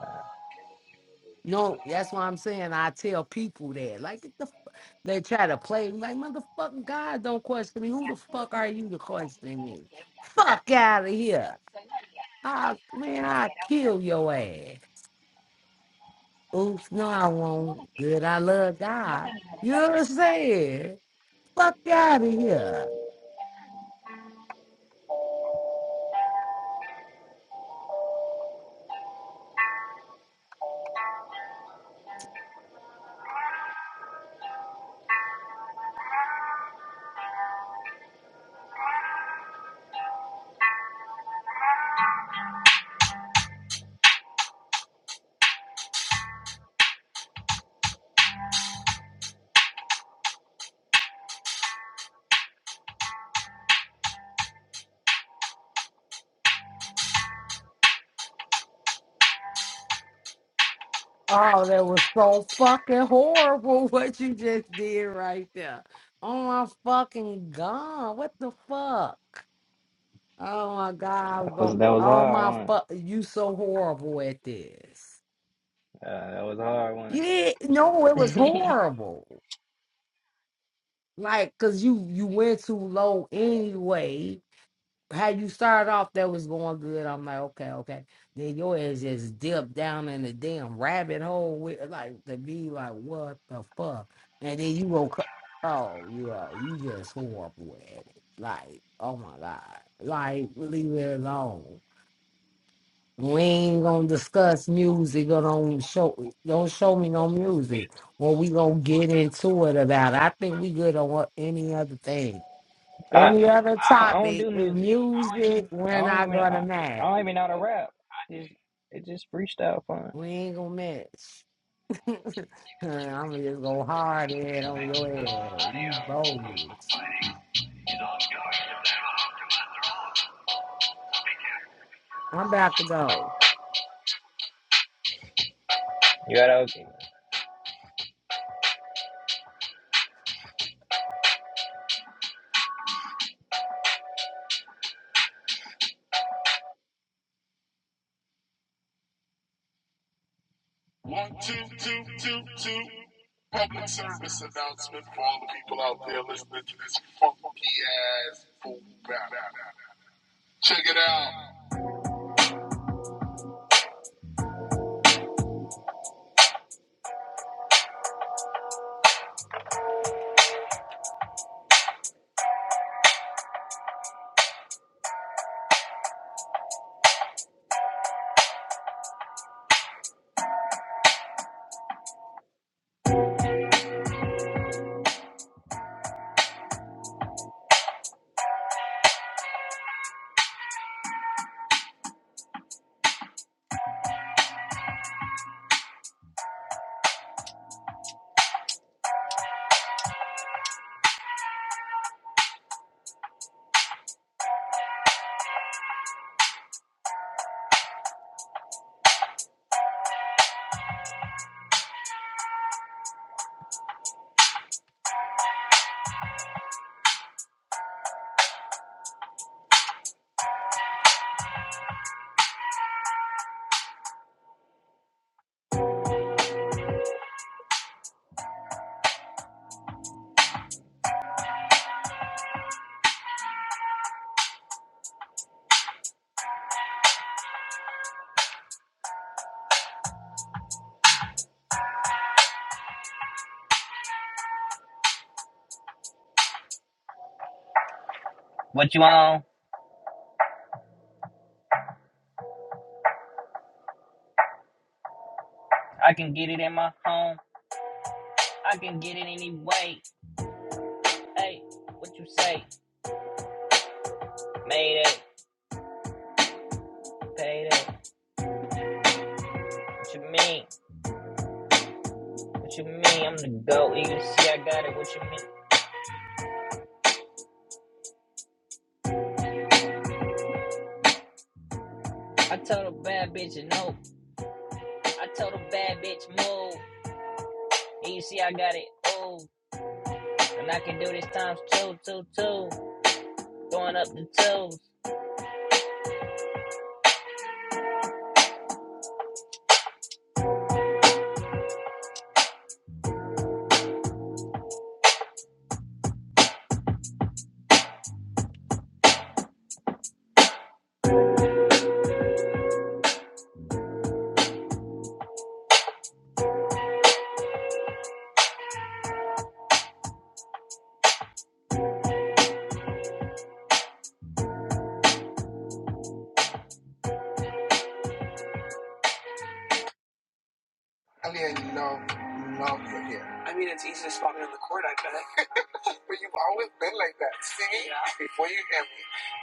S2: No, that's why I'm saying I tell people that. Like get the f- they try to play me like motherfucking God don't question me. Who the fuck are you to question me? Fuck out of here. I man, I kill your ass. Oops, no, I won't. Good, I love God. You know what I'm saying? Fuck out of here. Oh, that was so fucking horrible what you just did right there. Oh my fucking God. What the fuck? Oh my God.
S1: That was
S2: go-
S1: that was
S2: Oh
S1: hard,
S2: my
S1: wasn't
S2: fuck.
S1: it?
S2: You so horrible at this.
S1: Uh, that was hard, wasn't
S2: Yeah. No, it was
S1: it?
S2: horrible. Like, cause you you went too low anyway. Had you started off that was going good, I'm like, okay, okay. Then your ass just dipped down in the damn rabbit hole with like to be like, what the fuck? And then you woke up. Oh yeah, you just horrible at it. Like, oh my God. Like, leave it alone. We ain't gonna discuss music or don't show don't show me no music. Well, we gonna get into it about. it. I think we good on what- any other thing,
S1: I,
S2: any other
S1: I I don't do
S2: topic.
S1: music.
S2: Music,
S1: I
S2: we're
S1: don't
S2: not
S1: even
S2: gonna
S1: I, I
S2: match.
S1: don't even know how to rap. I just it's just freestyle fun.
S2: We ain't gonna match. I'm just gonna hard head on your head. You bogus. I'm about to go.
S1: You gotta okay. One, two, two, two, two. Public service announcement for all the people out there listening to this funky ass fool rap. Check it out. What you on? I can get it in my home. I can get it anyway. Hey, what you say? Made it, paid it. What you mean? What you mean? I'm the goat. and You see, I got it. What you mean? I told a bad bitch no. I told a bad bitch move. And you see, I got it. Ooh, and I can do this times two, two, two. Throwing up the twos. I did you, know. No, you're here. I'm gonna record like But you've always been like that. See me? Yeah. Before you hear me,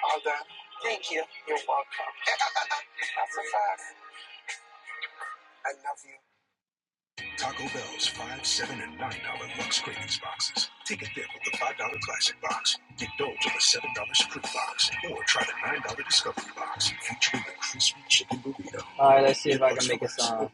S1: all done. Thank you. You're welcome. That's a fact. I love you. Taco Bell's five, seven, and nine dollar lunch boxes. Take it five dollars. Get dough. All right, let's see if I can make a song.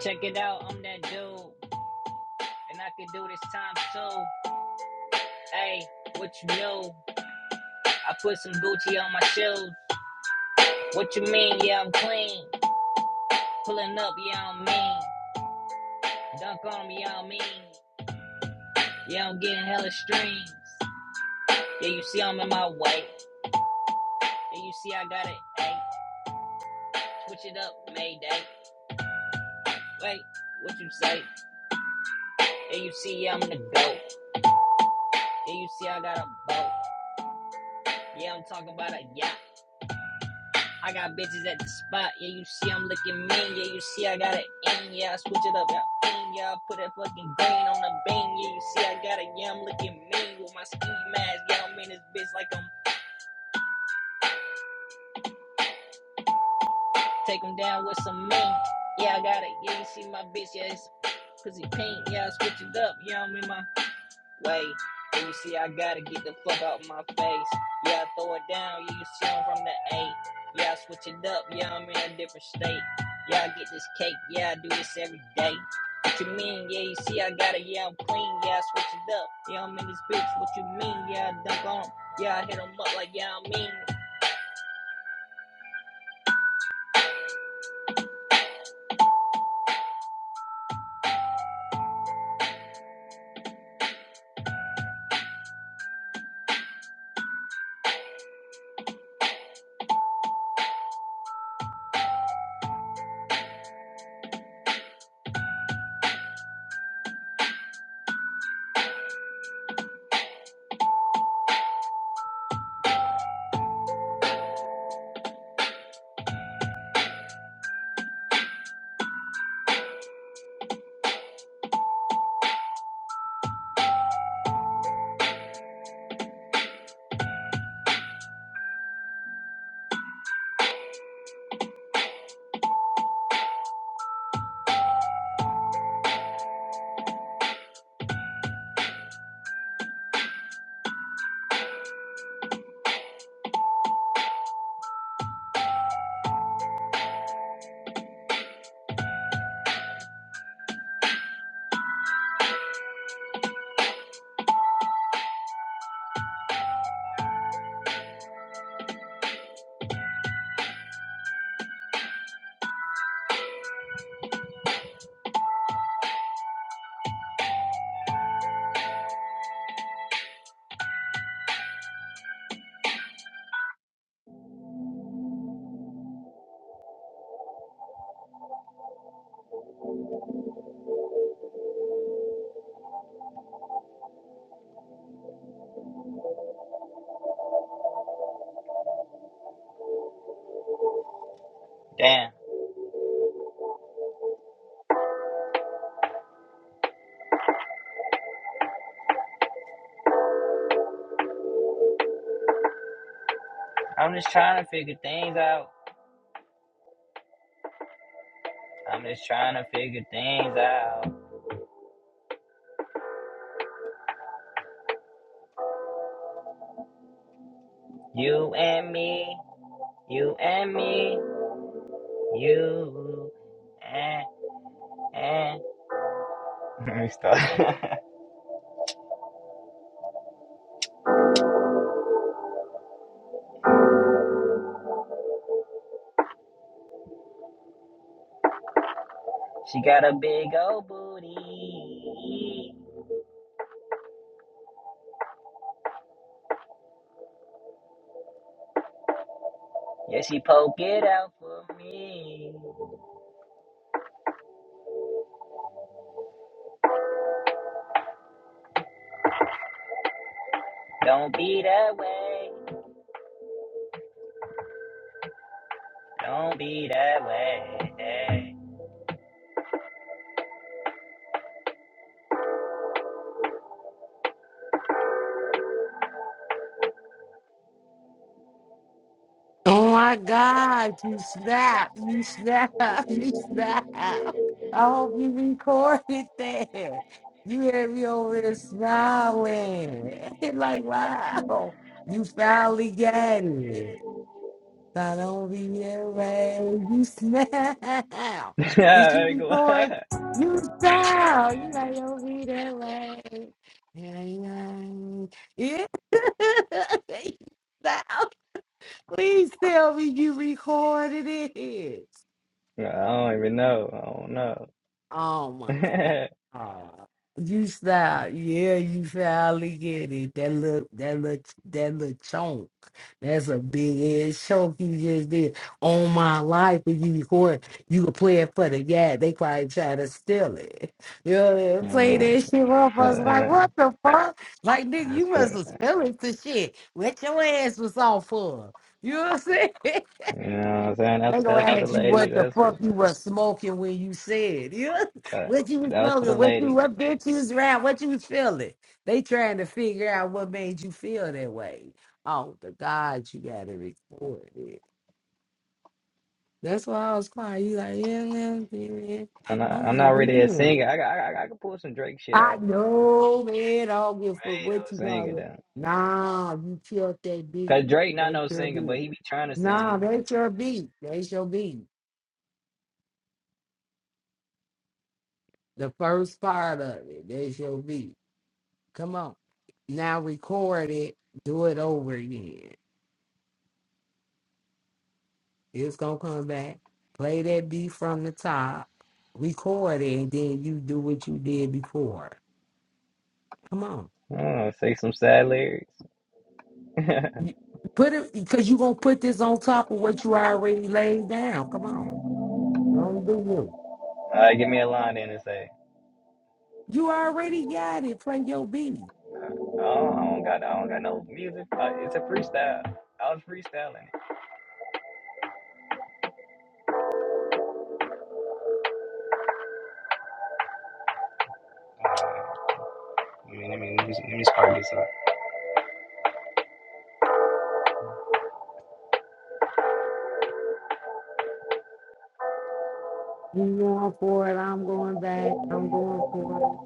S1: Check it out, I'm that dude, and I can do this time too. Hey, what you know? I put some Gucci on my shoes. What you mean? Yeah, I'm clean. Pulling up, yeah, I'm mean. Dunk on me, yeah, I'm mean. Yeah, I'm getting hella streams. Yeah, you see I'm in my way. Yeah, you see I got it. Hey, switch it up, Mayday. Wait, what you say? Yeah, you see yeah, I'm the goat. Yeah, you see I got a boat. Yeah, I'm talking about a yacht. I got bitches at the spot. Yeah, you see I'm looking mean. Yeah, you see I got it in. Yeah, I switch it up. Yeah, in. Yeah, I put that fucking green on the bean. Yeah, you see I got it. Yeah, I'm looking mean with my ski mask. Yeah, I'm in this bitch like I'm take 'em down with some mean. Yeah, I got it. Yeah, you see my bitch. Yeah, it's pussy pink. Yeah, I switch it up. Yeah, I'm in my Wait, you see, I gotta get the fuck out my face. Yeah, I throw it down, yeah, you see I'm from the eight. Yeah, I switch it up, yeah, I'm in a different state. Yeah, I get this cake, yeah, I do this every day. What you mean, yeah, you see, I got it, yeah, I'm clean, yeah, I switch it up. Yeah, I'm in this bitch, what you mean, yeah, I dunk on 'em. Yeah, I hit 'em up like, yeah, I mean. Damn, I'm just trying to figure things out. I'm just trying to figure things out. You and me, you and me. You eh, eh. Let me stop. She got a big old booty. Yeah, she poke it out for me. Don't be that way. Don't be that way.
S2: Oh my God, you snap, you snap, you snap. I hope you recorded that. You had me over there smiling. like, wow, you finally got it. Not only man, you snap.
S1: I
S2: Did you record?
S1: don't
S2: You snap! You like, don't be that way. Yeah, yeah. Yeah. You Snap! Please tell me you recorded it.
S1: even know. I
S2: Oh my
S1: don't
S2: fuck.
S1: know.
S2: Oh, you style, yeah, you finally get it. That look, that look, that little chunk. That's a big ass chunk you just did on my life. if you record, you could play it for the yeah. They probably try to steal it. You know, what I mean? play that
S1: Mm,
S2: shit off
S1: uh,
S2: us like
S1: uh,
S2: what the fuck? Like nigga,
S1: that's
S2: you
S1: for
S2: must
S1: the,
S2: have stealing the shit. What your ass was off for? You know what I'm saying?
S1: you know what I'm saying?
S2: They
S1: That's
S2: gonna
S1: that's for the
S2: ask you
S1: ladies.
S2: what the
S1: That's for
S2: fuck
S1: the,
S2: you was smoking when you said, yeah,
S1: uh,
S2: what you was
S1: that was for the
S2: smoking, what you,
S1: ladies.
S2: what bitch you was around, what you was feeling. They trying to figure out what made you feel that way. Oh, the God, you gotta record it. That's why I was quiet. You like, yeah, yeah, yeah. yeah."
S1: I'm not,
S2: I'm
S1: I'm not
S2: like,
S1: really a
S2: damn.
S1: singer. I, got- I, I can pull some Drake shit
S2: I
S1: off.
S2: know, man. I don't give a fuck what you
S1: I ain't no singer
S2: call it.
S1: though.
S2: Nah, you killed that beat.
S1: Cause Drake not
S2: That's
S1: no
S2: your
S1: singer, but
S2: beat.
S1: he be trying to
S2: Nah,
S1: sing.
S2: that's your beat. That's your beat. The first part of it, there's your beat. Come on. Now record it, do it over again. It's gonna come back. Play that beat from the top, record it, and then you do what you did before. Come on.
S1: I'm Oh, say some sad lyrics.
S2: You- Put it because you gonna put this on top of what you already laid down. Come on. Don't do you.
S1: All right, give me a line then and say,
S2: You already got it. Play your beat.
S1: oh, I don't got, I don't got no music. Uh, it's a freestyle. I was freestyling. it. I mean, I mean, let me, let me spark this up.
S2: You going for it, I'm going back, I'm going for it,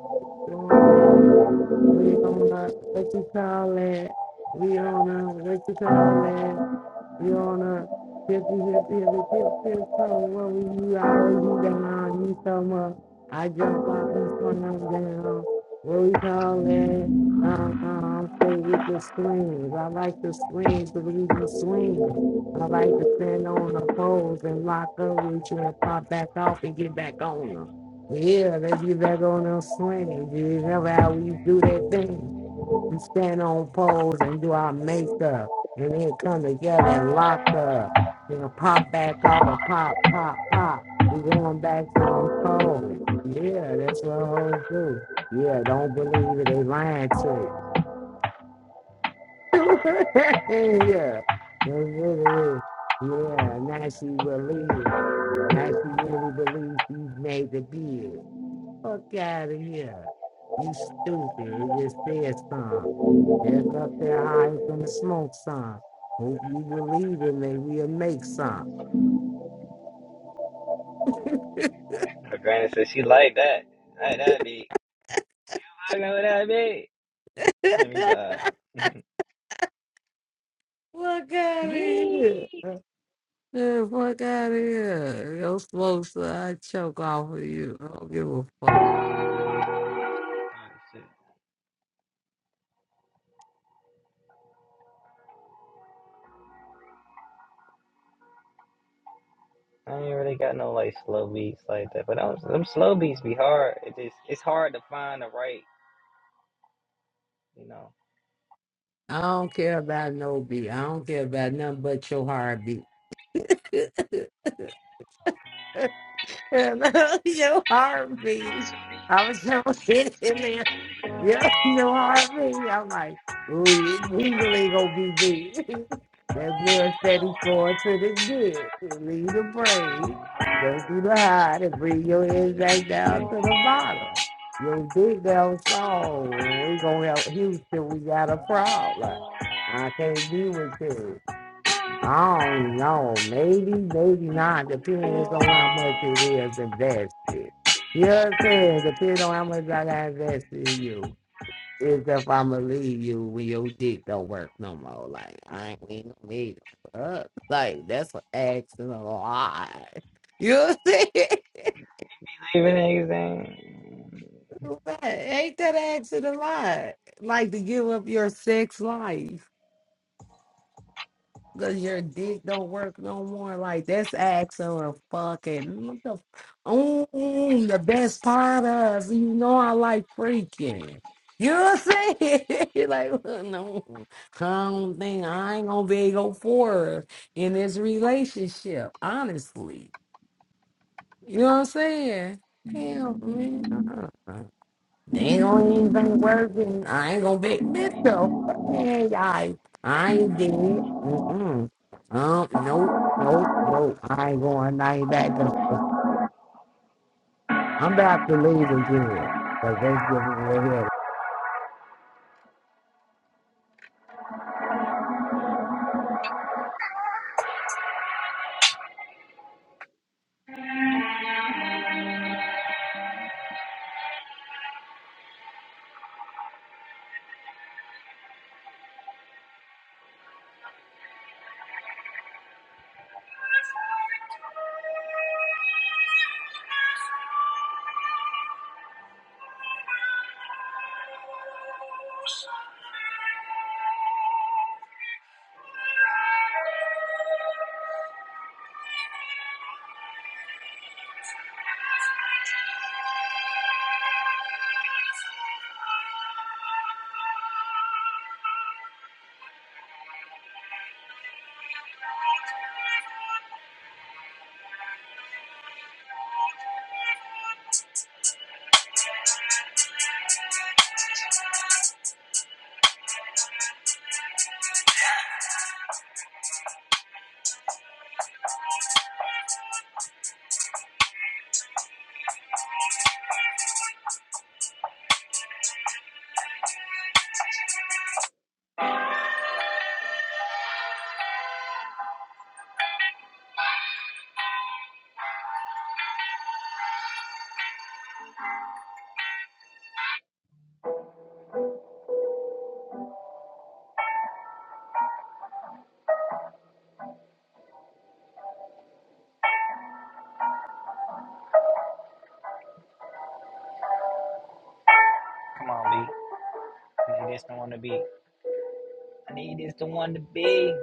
S2: doing that. We on a what you call it? We on a what you call it? Your Honor, fifty, fifty, every tip, tip, toe, what we you, I hold you down, you so much, I jump off, you swung up down, what we call that, um, um, stay with the swings, I like the swings, because we be swinging, I like to stand on the poles and lock up with you and pop back off and get back on them, yeah, let's get back on them swings, you remember how we do that thing, we stand on poles and do our makeup and then come together and lock up. You know, pop back off and pop, pop, pop. We going back to them poles. Yeah, that's what hoes do. Yeah, don't believe it. They lying to you. yeah, that's what it is. Yeah, now she believing it. Now she really believes she's made the bid. Fuck out of here. You stupid. It just said some. That's up there high from the smoke some. Hope you believe in me. We'll make some.
S1: Her granny said she like that. Like that beat. I know that beat. Let
S2: fuck
S1: me vibe.
S2: out of
S1: Gee.
S2: here. Yeah, fuck out of here. Yo, smoke some. I choke off of you. I don't give a fuck.
S1: Oh, shit. I ain't really got no like slow beats like that, but them, them slow beats be hard. It just it's hard to find the right, you know.
S2: I don't care about no beat. I don't care about nothing but your heartbeat. your heartbeat. I was gonna hit him in Yeah, you know what I mean? I'm like, ooh, you legally gonna be me. that blood steady flowing to the neck. Leave the brain, go through the heart, and bring your head back down to the bottom. Your dick down soul. We gonna help Houston. We got a problem. I can't be with you. I don't know. Maybe, maybe not. Depends on how much it is invested. You know what I'm saying? Depends on how much I got invested in you is if I'ma leave you when your dick don't work no more. Like I ain't we ain't gonna meet up. Like that's what asking a lot. You know
S1: Even niggas ain't.
S2: what I'm saying? ain't that asking a lot? Like to give up your sex life. Cause your dick don't work no more. Like that's Axel fucking what the mm, the best part of us. You know I like freaking. You know what I'm saying? like well, no, I don't think I ain't gonna be able to go forward in this relationship. Honestly, you know what I'm saying? Hell, man. Uh-uh. They don't even working. I ain't gonna be Mitchell. Fuck me, guys. I ain't did it. Mm-mm. Um, nope, nope, nope. I ain't going. I ain't back up. I'm about to leave again. Cause that's getting me
S1: Come on, B. Need this the one to be. I need this the one to be.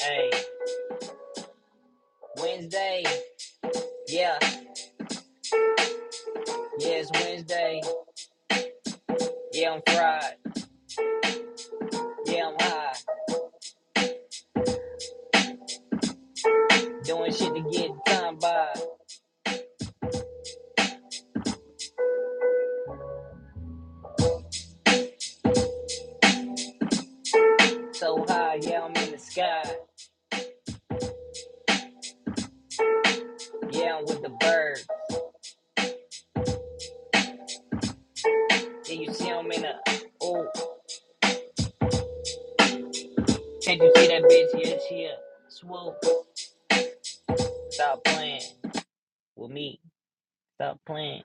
S1: Hey, Wednesday. Yeah, yeah, it's Wednesday. Yeah, I'm fried. Yeah, I'm high. Doing shit to get time by. So high, yeah, I'm in the sky. Yeah, I'm with the birds. Yeah, you see I'm in a. Oh, can't you see that bitch? Yeah, she a Swoop. Stop playing with me. Stop playing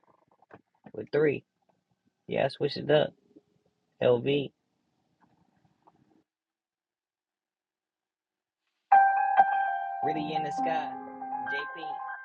S1: with three. Yeah, I switched it up. LV. Really in the sky. JP. I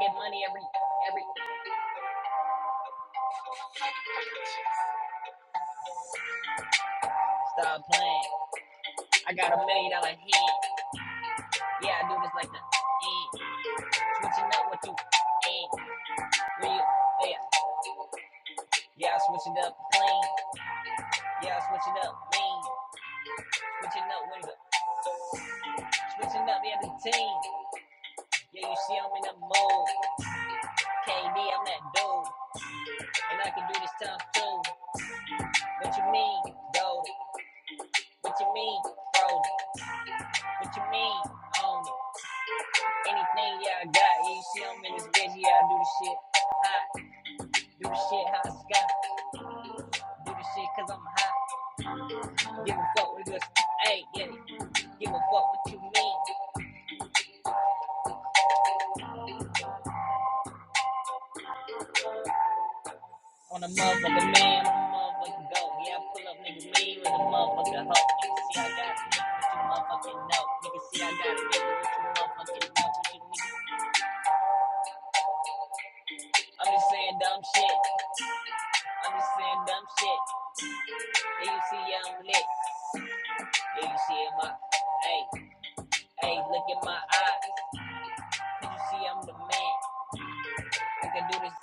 S1: get money every every. Stop playing. I got a million dollar hand. Yeah, I do this like the end. Switching up what you end. Real. Yeah. Yeah, I switch it up clean. Yeah, I switch it up mean. Switching up with the switching up every team. Yeah, you see I'm in the mood. KD, I'm that dude, and I can do this time too. What you mean, though? What you mean, roll What you mean, own it? Anything y'all got, yeah, you see I'm in this bitch, yeah, I do the shit hot. Do the shit hot, sky. Do the shit cause I'm hot. Give a fuck with this. Hey, yeah, give a fuck what you mean. On a motherfucking man, on a motherfucking goat. Yeah, I pull up niggas mean with a motherfucking hoe. You can see I got it, what you motherfucking know. You can see I got it, what you motherfucking know. What you mean? I'm just saying dumb shit. I'm just saying dumb shit. Yeah, you see, yeah, I'm lit. Do you see in my hey, hey, look in my eyes? Can you see I'm the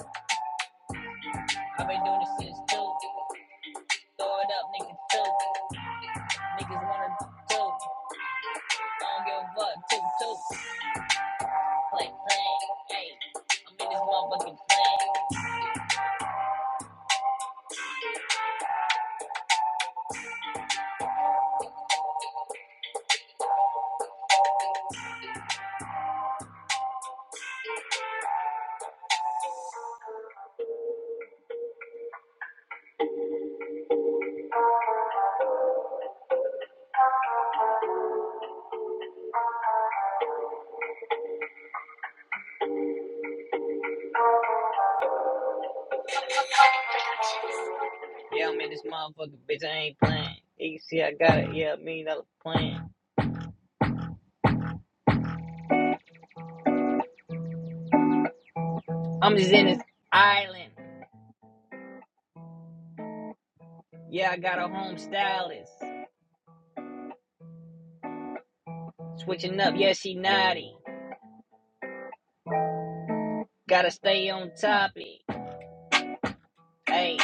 S1: man? I made this too, too, too, nigga play. Yeah, I'm in this motherfucker, bitch. I ain't playing. Hey, You see I got it, yeah, million dollar plan. I'm just in this island. Yeah, I got a home stylist. Switching up, yeah, she naughty. Gotta stay on topic. Hey,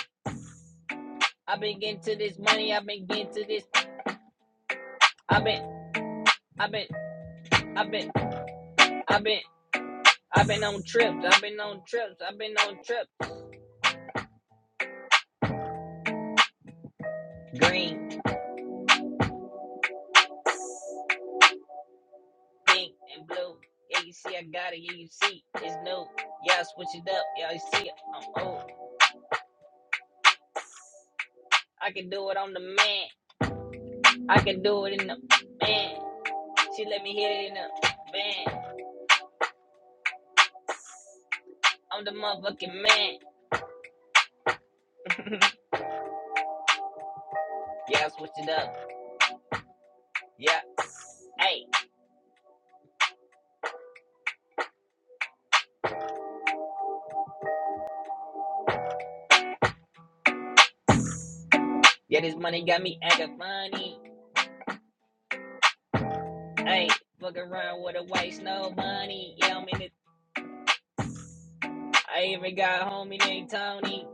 S1: I've been getting to this money, I've been getting to this. I've been, I've been, I've been, I've been, I've been on trips, I've been on trips, I've been on trips. Green. pink and blue. Yeah, you see, I got it. Yeah, you see, it's new. Yeah, I switch it up. Yeah, you see, it. I'm old. I can do it on the man. I can do it in the man. She let me hit it in the van. I'm the motherfucking man. yeah, I switch it up. Yeah, hey, yeah, this money got me acting funny. Hey, fuck around with a white snow bunny. Yeah, I'm in it. I even got a homie named Tony.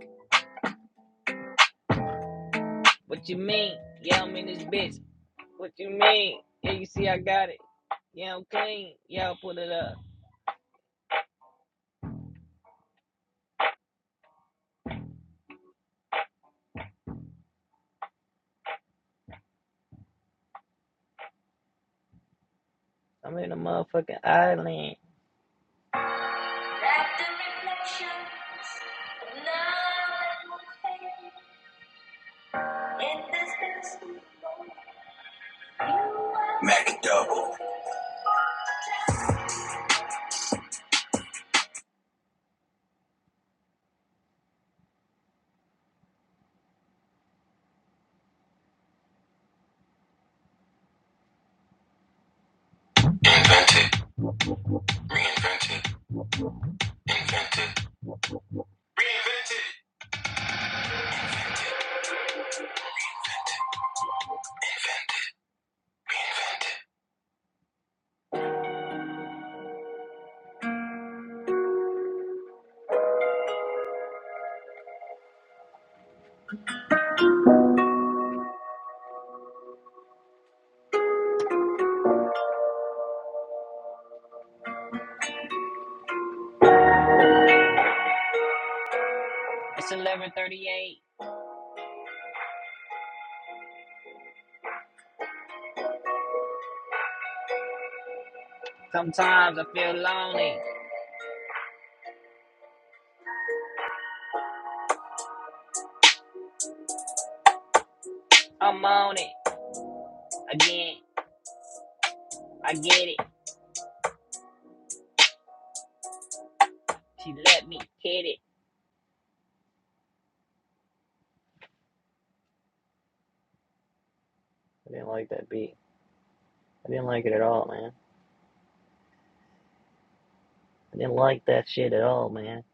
S1: What you mean? Yeah, I'm in this bitch. What you mean? Yeah, you see, I got it. Yeah, I'm clean. Y'all put it up. I'm in a motherfucking island. Mac double. Invented, reinvented, invented, reinvented, reinvented, invented, reinvented. It's 11:38. Sometimes I feel lonely. I'm on it again. I get it. She let me hit it. I didn't like that beat. I didn't like it at all, man. I didn't like that shit at all, man.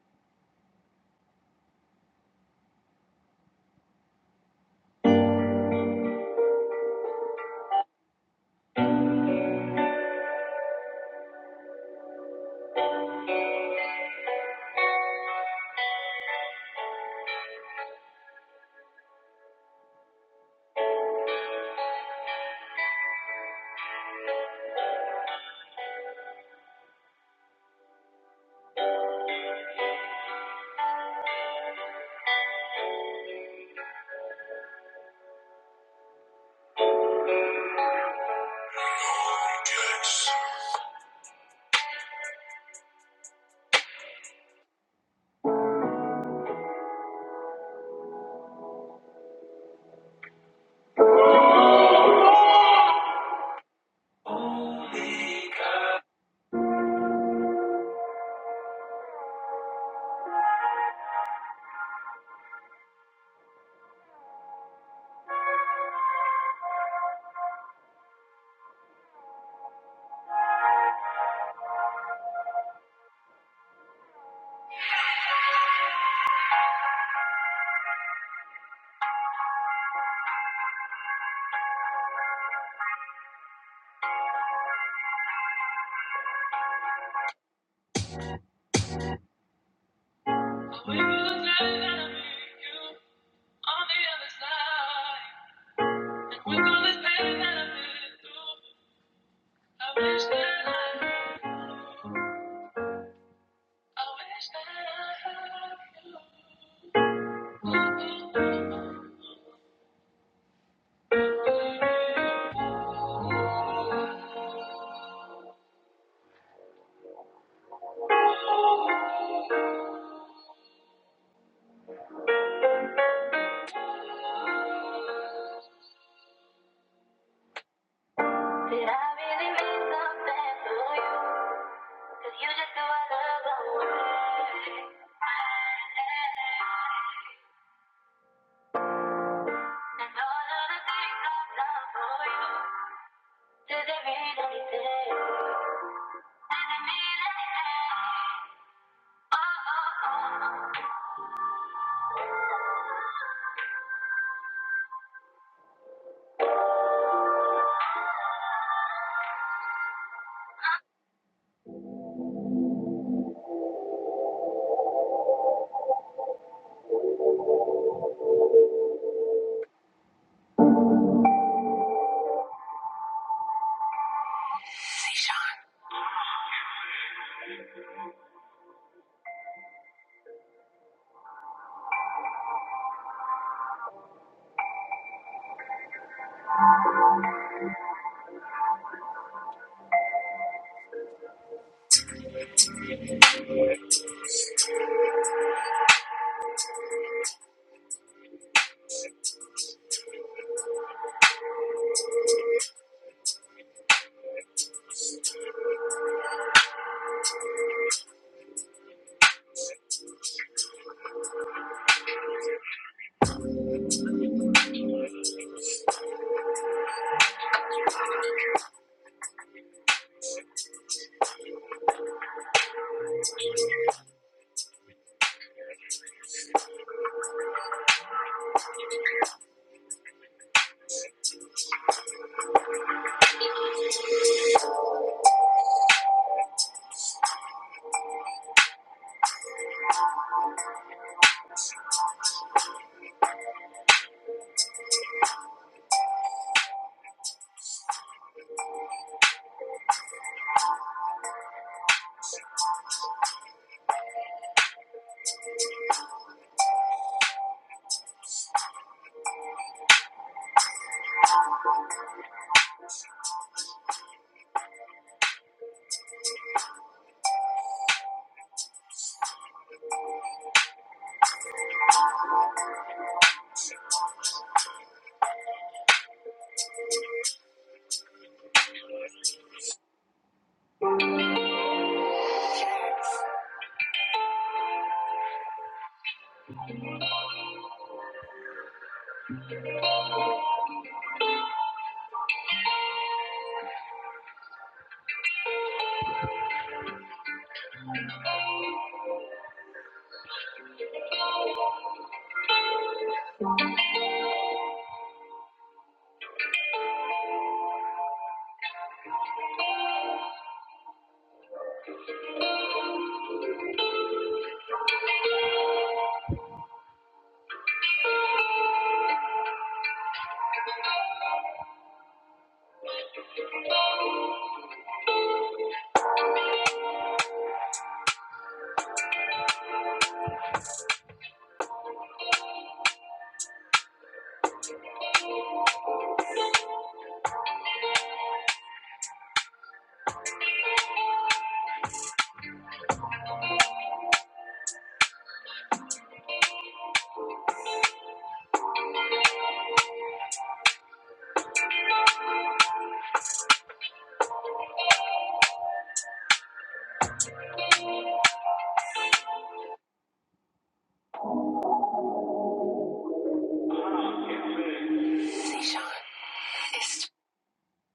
S1: Did it mean anything? Did it mean anything? Oh, oh, oh. oh.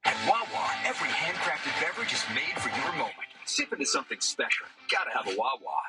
S1: At Wawa, every handcrafted beverage is made for your moment. Sip into something special. Gotta have a Wawa.